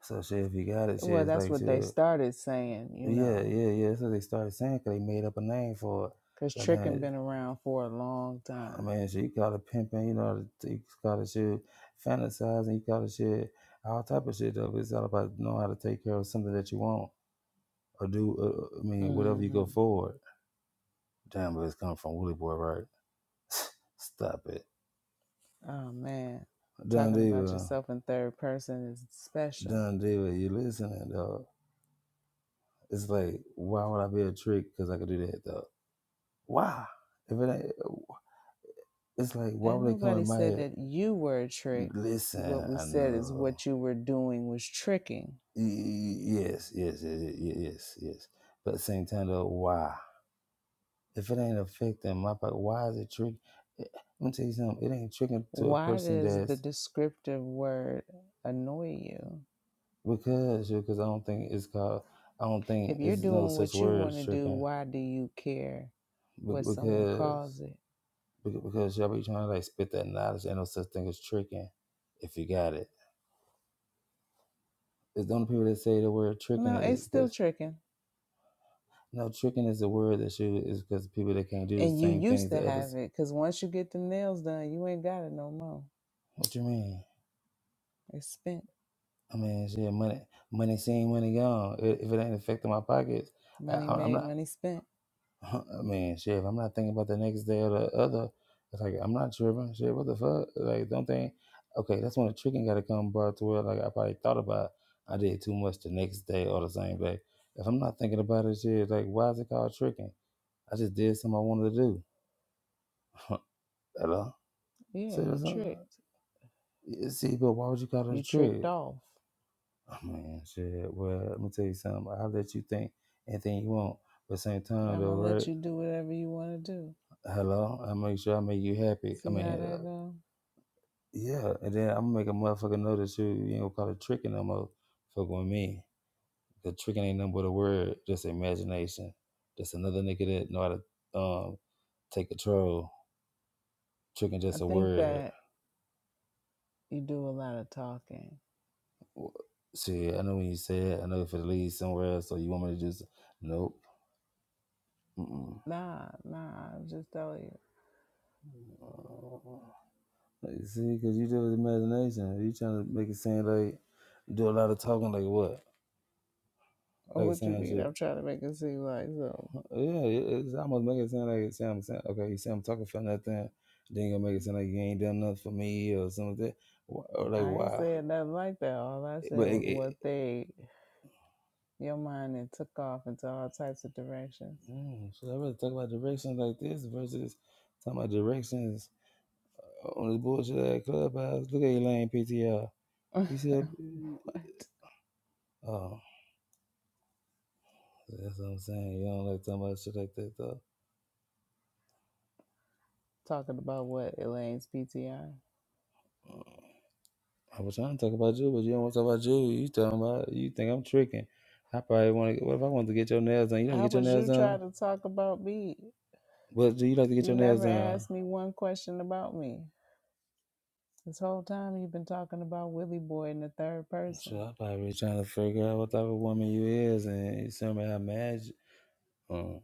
Speaker 1: So shit, if you got it, shit,
Speaker 2: Well,
Speaker 1: it's
Speaker 2: that's
Speaker 1: like
Speaker 2: what they
Speaker 1: shit.
Speaker 2: started saying, you
Speaker 1: Yeah,
Speaker 2: know,
Speaker 1: yeah, yeah. That's what they started saying, "Cause they made up a name for it.
Speaker 2: because
Speaker 1: But
Speaker 2: tricking
Speaker 1: then,
Speaker 2: been around for a long time.
Speaker 1: I mean, shit, you call it pimping, you know, you call it shit fantasizing, you call it shit all type of shit. Though it's all about knowing how to take care of something that you want or do. Uh, uh, I mean, whatever you
Speaker 2: hmm
Speaker 1: go forward. Damn, but it's coming from Willie Boy, right? Stop it,
Speaker 2: Oh man,
Speaker 1: John
Speaker 2: talking about
Speaker 1: Deere.
Speaker 2: yourself in third person is special.
Speaker 1: John Deere, you listening, dog? It's like, why would I be a trick? Because I could do that though. Why? If it ain't, it's like, why
Speaker 2: And
Speaker 1: would they come in
Speaker 2: nobody
Speaker 1: my
Speaker 2: said
Speaker 1: head?
Speaker 2: that you were a trick. What
Speaker 1: Listen,
Speaker 2: we
Speaker 1: I
Speaker 2: said is
Speaker 1: know.
Speaker 2: what you were doing was tricking.
Speaker 1: Yes, yes, yes, yes, yes. yes. But at the same time though, why? If it ain't affecting my pocket, why is it trick? I'm gonna tell you something. It ain't tricking to a
Speaker 2: Why
Speaker 1: person
Speaker 2: does the
Speaker 1: that's
Speaker 2: descriptive word annoy you?
Speaker 1: because because I don't think it's called. I don't think
Speaker 2: If you're
Speaker 1: it's no
Speaker 2: doing
Speaker 1: such
Speaker 2: what you
Speaker 1: word
Speaker 2: want
Speaker 1: as
Speaker 2: to do,
Speaker 1: tricking
Speaker 2: why do you care what someone
Speaker 1: because
Speaker 2: calls it?
Speaker 1: Be- Because y'all be trying to like spit that knowledge. Ain't no such thing as tricking if you got it. It's the only people that say the word tricking
Speaker 2: No,
Speaker 1: is
Speaker 2: it's still
Speaker 1: because
Speaker 2: tricking.
Speaker 1: no tricking is a word that you is because people that can't do the
Speaker 2: And you
Speaker 1: same
Speaker 2: used
Speaker 1: things
Speaker 2: to
Speaker 1: that
Speaker 2: have
Speaker 1: others.
Speaker 2: it because once you get the nails done, you ain't got it no more.
Speaker 1: What you mean?
Speaker 2: It's spent.
Speaker 1: I mean, yeah, money, money seen, money gone. I- If it ain't affecting my pockets, I,
Speaker 2: Money
Speaker 1: I'm
Speaker 2: made,
Speaker 1: not.
Speaker 2: money spent.
Speaker 1: Huh, I mean, shit, if I'm not thinking about the next day or the other, it's like I'm not tripping. Shit, what the fuck? Like, don't think. Okay, that's when the tricking got to come about to where like I probably thought about. it. I did too much the next day or the same day. If I'm not thinking about it, shit, like why is it called tricking? I just did something I wanted to do. Hello.
Speaker 2: Yeah,
Speaker 1: See,
Speaker 2: you
Speaker 1: that's not-
Speaker 2: tricked.
Speaker 1: yeah, see, but why would you call it
Speaker 2: You
Speaker 1: a
Speaker 2: tricked
Speaker 1: trick?
Speaker 2: off.
Speaker 1: I mean, shit. Well, let me tell you something. I'll let you think anything you want, but same time
Speaker 2: I'm
Speaker 1: though,
Speaker 2: going to let
Speaker 1: right?
Speaker 2: you do whatever you want to do.
Speaker 1: Hello. I make sure I make you happy. I
Speaker 2: See
Speaker 1: mean.
Speaker 2: how
Speaker 1: uh,
Speaker 2: that go?
Speaker 1: Yeah, and then I'm gonna make a motherfucker notice that you you ain't gonna call it tricking no more. Fuck with me. The tricking ain't nothing but a word, just imagination. Just another nigga that know how to um take control. Tricking
Speaker 2: I
Speaker 1: just a
Speaker 2: think
Speaker 1: word.
Speaker 2: that you do a lot of talking.
Speaker 1: W- Shit, I know when you say it, I know if it leads somewhere else, or you want me to do so- Nope. Mm-mm.
Speaker 2: Nah, nah, I'm just telling you.
Speaker 1: Like, See, because you deal with imagination. You trying to make it sound like, do a lot of talking, like what? Like
Speaker 2: What you
Speaker 1: saying
Speaker 2: mean?
Speaker 1: shit.
Speaker 2: I'm trying to make it seem like so.
Speaker 1: Oh, Yeah, it- it's almost making it sound like it sounds sound, okay. You say I'm talking for nothing, then you gonna make it sound like you ain't done nothing for me or something. Like that. Wh- Or like
Speaker 2: I ain't
Speaker 1: why?
Speaker 2: said nothing like that. All I said
Speaker 1: But
Speaker 2: was
Speaker 1: it,
Speaker 2: what
Speaker 1: it,
Speaker 2: they your mind and took off into all types of directions.
Speaker 1: mm, should I rather talk about directions like this versus talking about directions on this bullshit at clubhouse? Look at Elaine PTR.
Speaker 2: what?
Speaker 1: He said, "Oh, that's what I'm saying. You don't like talking about shit like that though."
Speaker 2: Talking about what, Elaine's PTI?
Speaker 1: Mm. I was trying to talk about you, but you don't want to talk about you. You talking about you think I'm tricking? I probably want to. What if I want to get your nails done? You like to
Speaker 2: How
Speaker 1: get your
Speaker 2: was
Speaker 1: nails
Speaker 2: you
Speaker 1: done?
Speaker 2: trying to talk about me?
Speaker 1: But do you like to get
Speaker 2: You
Speaker 1: your nails
Speaker 2: never
Speaker 1: done?
Speaker 2: asked me one question about me. This whole time you've been talking about Willie Boy in the third person.
Speaker 1: Shit, I'm probably trying to figure out what type of woman you is and somehow magic. Um,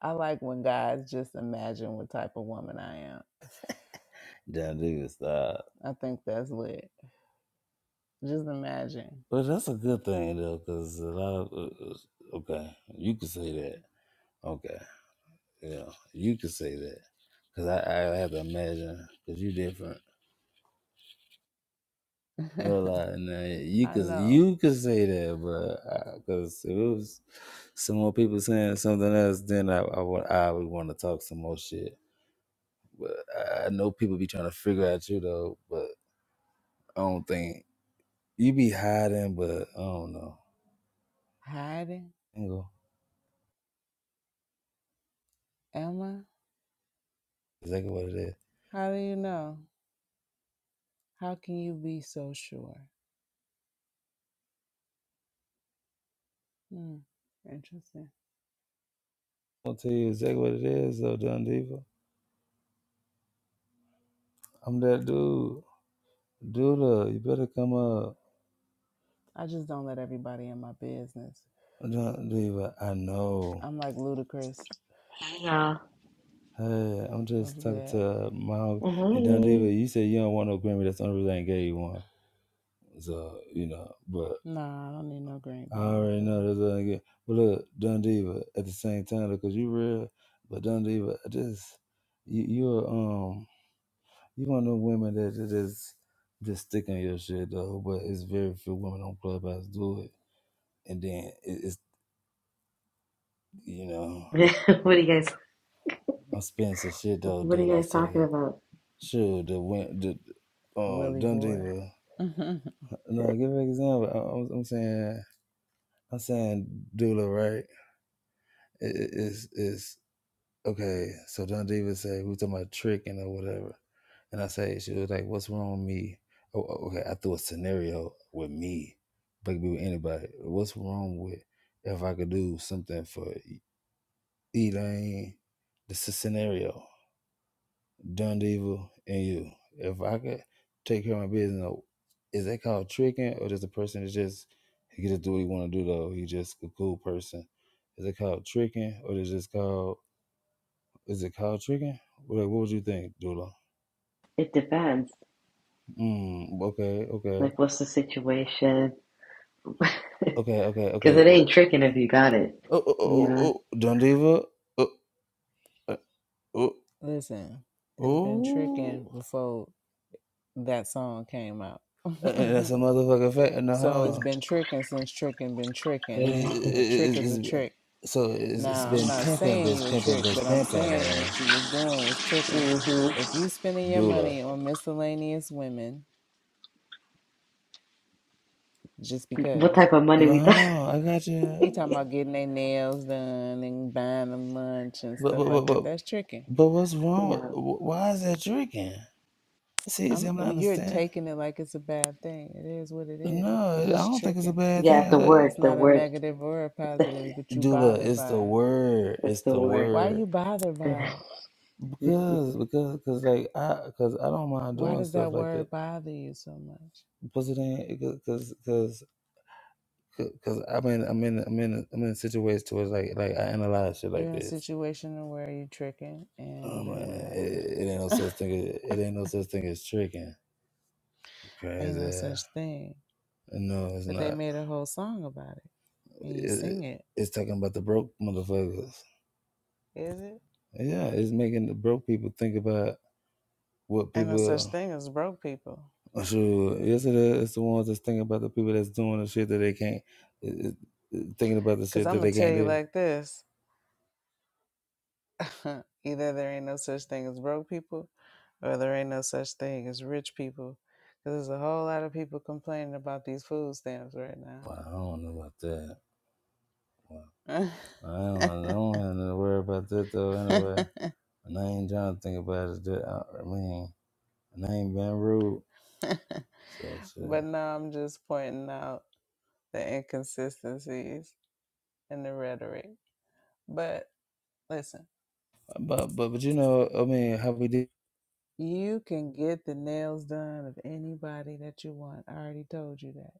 Speaker 2: I like when guys just imagine what type of woman I am.
Speaker 1: that nigga stop.
Speaker 2: I think that's lit. Just imagine.
Speaker 1: But that's a good thing though, because a lot of uh, uh, okay, you could say that. Okay, yeah, you could say that, because I, I have to imagine because you different. I ain't gonna lie, nah, you
Speaker 2: I
Speaker 1: could
Speaker 2: know.
Speaker 1: you could say that, but because if it was some more people saying something else, then I I, would- I would want to talk some more shit. But I I know people be trying to figure out you though, but I don't think you be hiding. But I don't know.
Speaker 2: Hiding?
Speaker 1: I Ain't gonna-
Speaker 2: Emma.
Speaker 1: Exactly what it is.
Speaker 2: How do you know? How can you be so sure? Hmm, interesting.
Speaker 1: I'll tell you exactly what it is though, Don Diva. I'm that dude. Duda, you better come up.
Speaker 2: I just don't let everybody in my business.
Speaker 1: Don Diva, I know.
Speaker 2: I'm like ludicrous.
Speaker 6: Hey y'all.
Speaker 1: Hey, I'm
Speaker 2: What's
Speaker 1: just talking
Speaker 2: good?
Speaker 1: to uh, my
Speaker 6: Hey.
Speaker 1: and Don Diva. You said you don't want no Grammy. That's the only reason I ain't gave you one. So you know, but.
Speaker 2: Nah, I don't need no green
Speaker 1: I
Speaker 2: bin. I'm
Speaker 1: already
Speaker 2: cool.
Speaker 1: know that's what I get. But look, Dun Diva at the same time because you real, but Dun Diva I just you you're um you one of the women that that just just stick on your shit though. But it's very few women on Clubhouse do it, and then it, it's you know
Speaker 6: what are you guys
Speaker 1: I'm spinning some shit though,
Speaker 6: what are
Speaker 1: dude.
Speaker 6: you
Speaker 1: I
Speaker 6: guys
Speaker 1: swear to
Speaker 6: talking
Speaker 1: God.
Speaker 6: about?
Speaker 1: Sure, the win the um
Speaker 2: Willie
Speaker 1: Dun
Speaker 2: boy.
Speaker 1: Diva. No, give an example. I, I'm, I'm saying I'm saying Dula right. It, it, it's it's okay, so Don Davis said, we was talking about tricking or whatever. And I say, she was like, what's wrong with me? Oh, oh, okay, I threw a scenario with me, but it could be with anybody. What's wrong with if I could do something for E, Elaine? This is a scenario, Don Devil and you. If I could take care of my business, no, is that called tricking or just a person that just, he can just do what he want to do though? He just a cool person. Is it called tricking or is it just called? Is it cow chicken? What, like, what would you think, Dula?
Speaker 6: It depends.
Speaker 1: Mm, okay, okay,
Speaker 6: Like what's the situation?
Speaker 1: okay, okay, okay.
Speaker 6: Cause it
Speaker 1: Oh,
Speaker 6: ain't tricking if you got it.
Speaker 1: oh, oh,
Speaker 6: You know?
Speaker 1: oh, oh Dundiva. Oh, uh, oh,
Speaker 2: Listen, it's been
Speaker 1: oh.
Speaker 2: tricking before that song came out.
Speaker 1: And that's a motherfucking fact. No, hold
Speaker 2: so it's
Speaker 1: on.
Speaker 2: been tricking since tricking been tricking.
Speaker 6: Yeah.
Speaker 2: A trick is
Speaker 1: It's,
Speaker 2: a
Speaker 1: it's,
Speaker 2: trick.
Speaker 1: so it's, it's
Speaker 2: Now, I'm
Speaker 1: been
Speaker 2: not
Speaker 1: pimping,
Speaker 2: saying
Speaker 1: been
Speaker 2: you a
Speaker 1: pimping,
Speaker 2: trick,
Speaker 1: been
Speaker 2: but I'm
Speaker 1: pimping,
Speaker 2: saying
Speaker 1: and
Speaker 2: what you was doing was tricking.
Speaker 6: hmm
Speaker 2: If you spending your money
Speaker 1: Dula.
Speaker 2: on miscellaneous women just
Speaker 6: What
Speaker 2: because
Speaker 6: type of money
Speaker 1: No,
Speaker 6: we
Speaker 1: hold
Speaker 6: thought?
Speaker 1: on. I got
Speaker 2: he
Speaker 1: you.
Speaker 2: talking about getting their nails done and buying them lunch and
Speaker 1: But,
Speaker 2: stuff
Speaker 1: but,
Speaker 2: like
Speaker 1: but,
Speaker 2: that,
Speaker 1: but,
Speaker 2: that's tricking.
Speaker 1: but what's wrong? With,
Speaker 6: Yeah.
Speaker 1: wh- why is that drinking? See, see,
Speaker 2: I'm
Speaker 1: I'm not
Speaker 2: well, you're
Speaker 1: understand.
Speaker 2: taking it like it's a bad thing. It is what it is.
Speaker 1: No, I
Speaker 2: It's just
Speaker 1: don't think it's a
Speaker 2: tricking.
Speaker 1: bad
Speaker 6: Yeah, the
Speaker 1: thing.
Speaker 6: word,
Speaker 2: It's
Speaker 6: the
Speaker 2: not a
Speaker 6: word.
Speaker 2: negative or a positive, but you
Speaker 1: Dula,
Speaker 2: bothered
Speaker 1: it's
Speaker 2: by
Speaker 1: the
Speaker 2: it.
Speaker 1: word.
Speaker 6: That's
Speaker 1: It's
Speaker 6: the
Speaker 1: the
Speaker 6: word.
Speaker 2: Why are
Speaker 1: word.
Speaker 2: you bothered by it?
Speaker 1: Because, because, because, like, I, because I don't mind
Speaker 2: Why
Speaker 1: doing
Speaker 2: does that
Speaker 1: stuff like that.
Speaker 2: word bother you so much?
Speaker 1: Plus, it ain't because, because, because I'm in, I'm in, I'm in, I'm in situations to where it's like, like I analyze shit
Speaker 2: You're
Speaker 1: like
Speaker 2: in a
Speaker 1: this.
Speaker 2: situation where you're tricking,
Speaker 1: Oh
Speaker 2: and
Speaker 1: man,
Speaker 2: then what
Speaker 1: it, it ain't no
Speaker 2: happened?
Speaker 1: such thing. As, it ain't no such thing as tricking.
Speaker 2: Ain't no
Speaker 1: Crazy.
Speaker 2: such thing.
Speaker 1: No, it's
Speaker 2: But they
Speaker 1: not.
Speaker 2: made a whole song about it, and you
Speaker 1: It,
Speaker 2: sing it.
Speaker 1: it's talking about the broke motherfuckers.
Speaker 2: Is it?
Speaker 1: Yeah, it's making the broke people think about what
Speaker 2: Ain't no such
Speaker 1: people.
Speaker 2: thing as broke people.
Speaker 1: Sure. Yes, it is. It's the ones that's thinking about the people that's doing the shit that they can't, uh, uh, thinking about the
Speaker 2: Because
Speaker 1: shit
Speaker 2: I'm
Speaker 1: that
Speaker 2: going
Speaker 1: they
Speaker 2: to tell
Speaker 1: can't
Speaker 2: you
Speaker 1: do.
Speaker 2: like this either there ain't no such thing as broke people, or there ain't no such thing as rich people. Because there's a whole lot of people complaining about these food stamps right now.
Speaker 1: Wow, I don't know about that. Wow.
Speaker 2: but
Speaker 1: I don't, I don't have to worry about that though, anyway. And I ain't trying to think about it. That, I, I mean, and I ain't been rude. So shit.
Speaker 2: no, I'm just pointing out the inconsistencies. and the rhetoric. But listen,
Speaker 1: But, but, but you know, I mean, how we did,
Speaker 2: you can get the nails done of anybody that you want. I already told you that.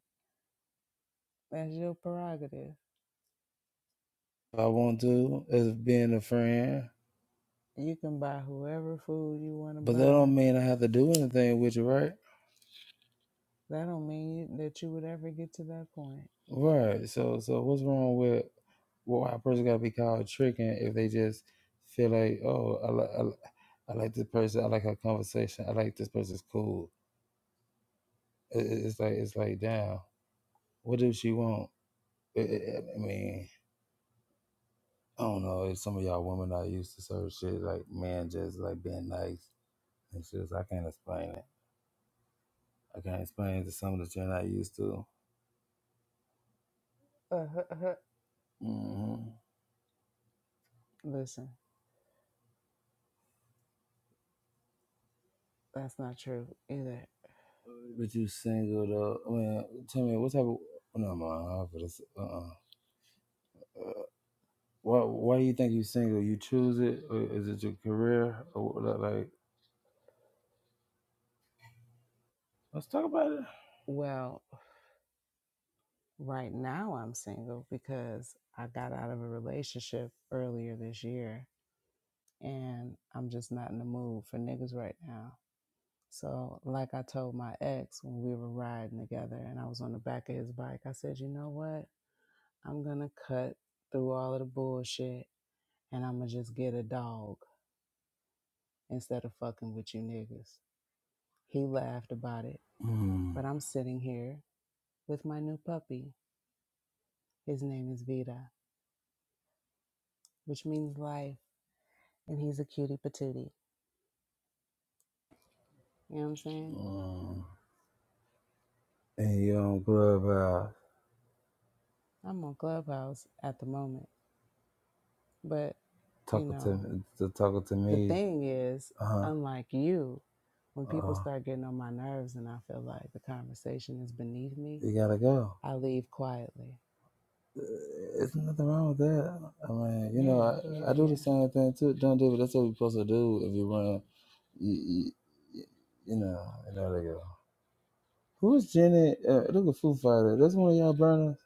Speaker 2: That's your prerogative.
Speaker 1: If I want to, as being a friend.
Speaker 2: You can buy whoever food you want to
Speaker 1: But that
Speaker 2: buy.
Speaker 1: don't mean I have to do anything with you, right?
Speaker 2: That don't mean that you would ever get to that point.
Speaker 1: Right. So, so what's wrong with? Well, why a person got to be called tricking if they just feel like, oh, I, li- I, li- I like this person. I like her conversation. I like this person's cool. I- I- It's like it's like damn. What do she want? I I- I mean, I don't know. If some of y'all women are used to certain shit like man just like being nice and shit. so I can't explain it. I can't explain it to some that you're not used to.
Speaker 2: Uh, huh, huh.
Speaker 1: Mm-hmm.
Speaker 2: Listen, that's not true either.
Speaker 1: But you single though. I mean, tell me what type of no man. Uh uh Why why you think you single? You choose it, or is it your career? Or what- like, let's talk about it.
Speaker 2: Well, right now I'm single because I got out of a relationship earlier this year and I'm just not in the mood for niggas right now. So, like I told my ex when we were riding together and I was on the back of his bike, I said, you know what? I'm going to cut through all of the bullshit and I'm going to just get a dog instead of fucking with you niggas. He laughed about it, but
Speaker 1: Mm.
Speaker 2: I'm sitting here with my new puppy. His name is Vida, which means life, and he's a cutie patootie. You know what I'm saying?
Speaker 1: Mm. And you don't club uh,
Speaker 2: I'm on Clubhouse at the moment, but you
Speaker 1: talking
Speaker 2: know.
Speaker 1: to to talking to
Speaker 2: the
Speaker 1: me.
Speaker 2: thing is,
Speaker 1: Uh huh.
Speaker 2: unlike you, when people
Speaker 1: Uh,
Speaker 2: start getting on my nerves and I feel like the conversation is beneath me,
Speaker 1: you gotta go.
Speaker 2: I leave quietly.
Speaker 1: There's nothing wrong with that. I mean, you know,
Speaker 2: Yeah,
Speaker 1: I,
Speaker 2: yeah,
Speaker 1: I do the
Speaker 2: yeah.
Speaker 1: same thing too. Don't do it. That's what we're supposed to do if you run. You, you, you you know, you know, they go. Who's Jenny? Uh, look at Foo Fighter. That's one of y'all burners.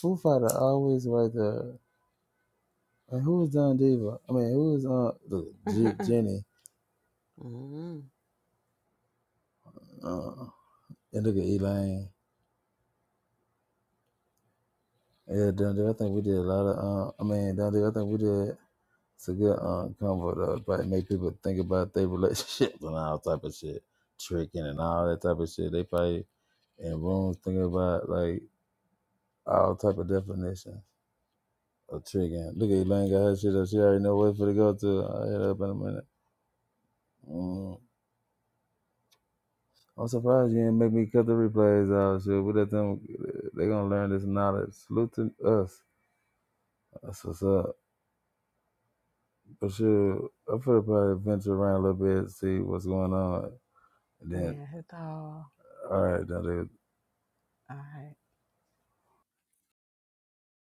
Speaker 1: Foo Fighter always right there. And who is Don Diva? I mean, who is uh look, G- Jenny?
Speaker 2: mm-hmm.
Speaker 1: Uh, and look at Elaine. Yeah, Don Diva. I think we did a lot of. Uh, I mean, Don Diva. I think we did. It's a good uh, combo to probably make people think about their relationships and all type of shit, tricking and all that type of shit. They probably in rooms thinking about like all type of definitions of tricking. Look at Elaine got her shit up. She already know where for to go to. I will hit her up in a minute. Mm. I'm surprised you didn't make me cut the replays out. Shit, we let them. They gonna learn this knowledge. Salute to us. That's what's up. But sure, I'm gonna probably venture around a little bit, see what's going on. And then,
Speaker 2: Yeah, it's all
Speaker 1: all right, now they
Speaker 2: all right.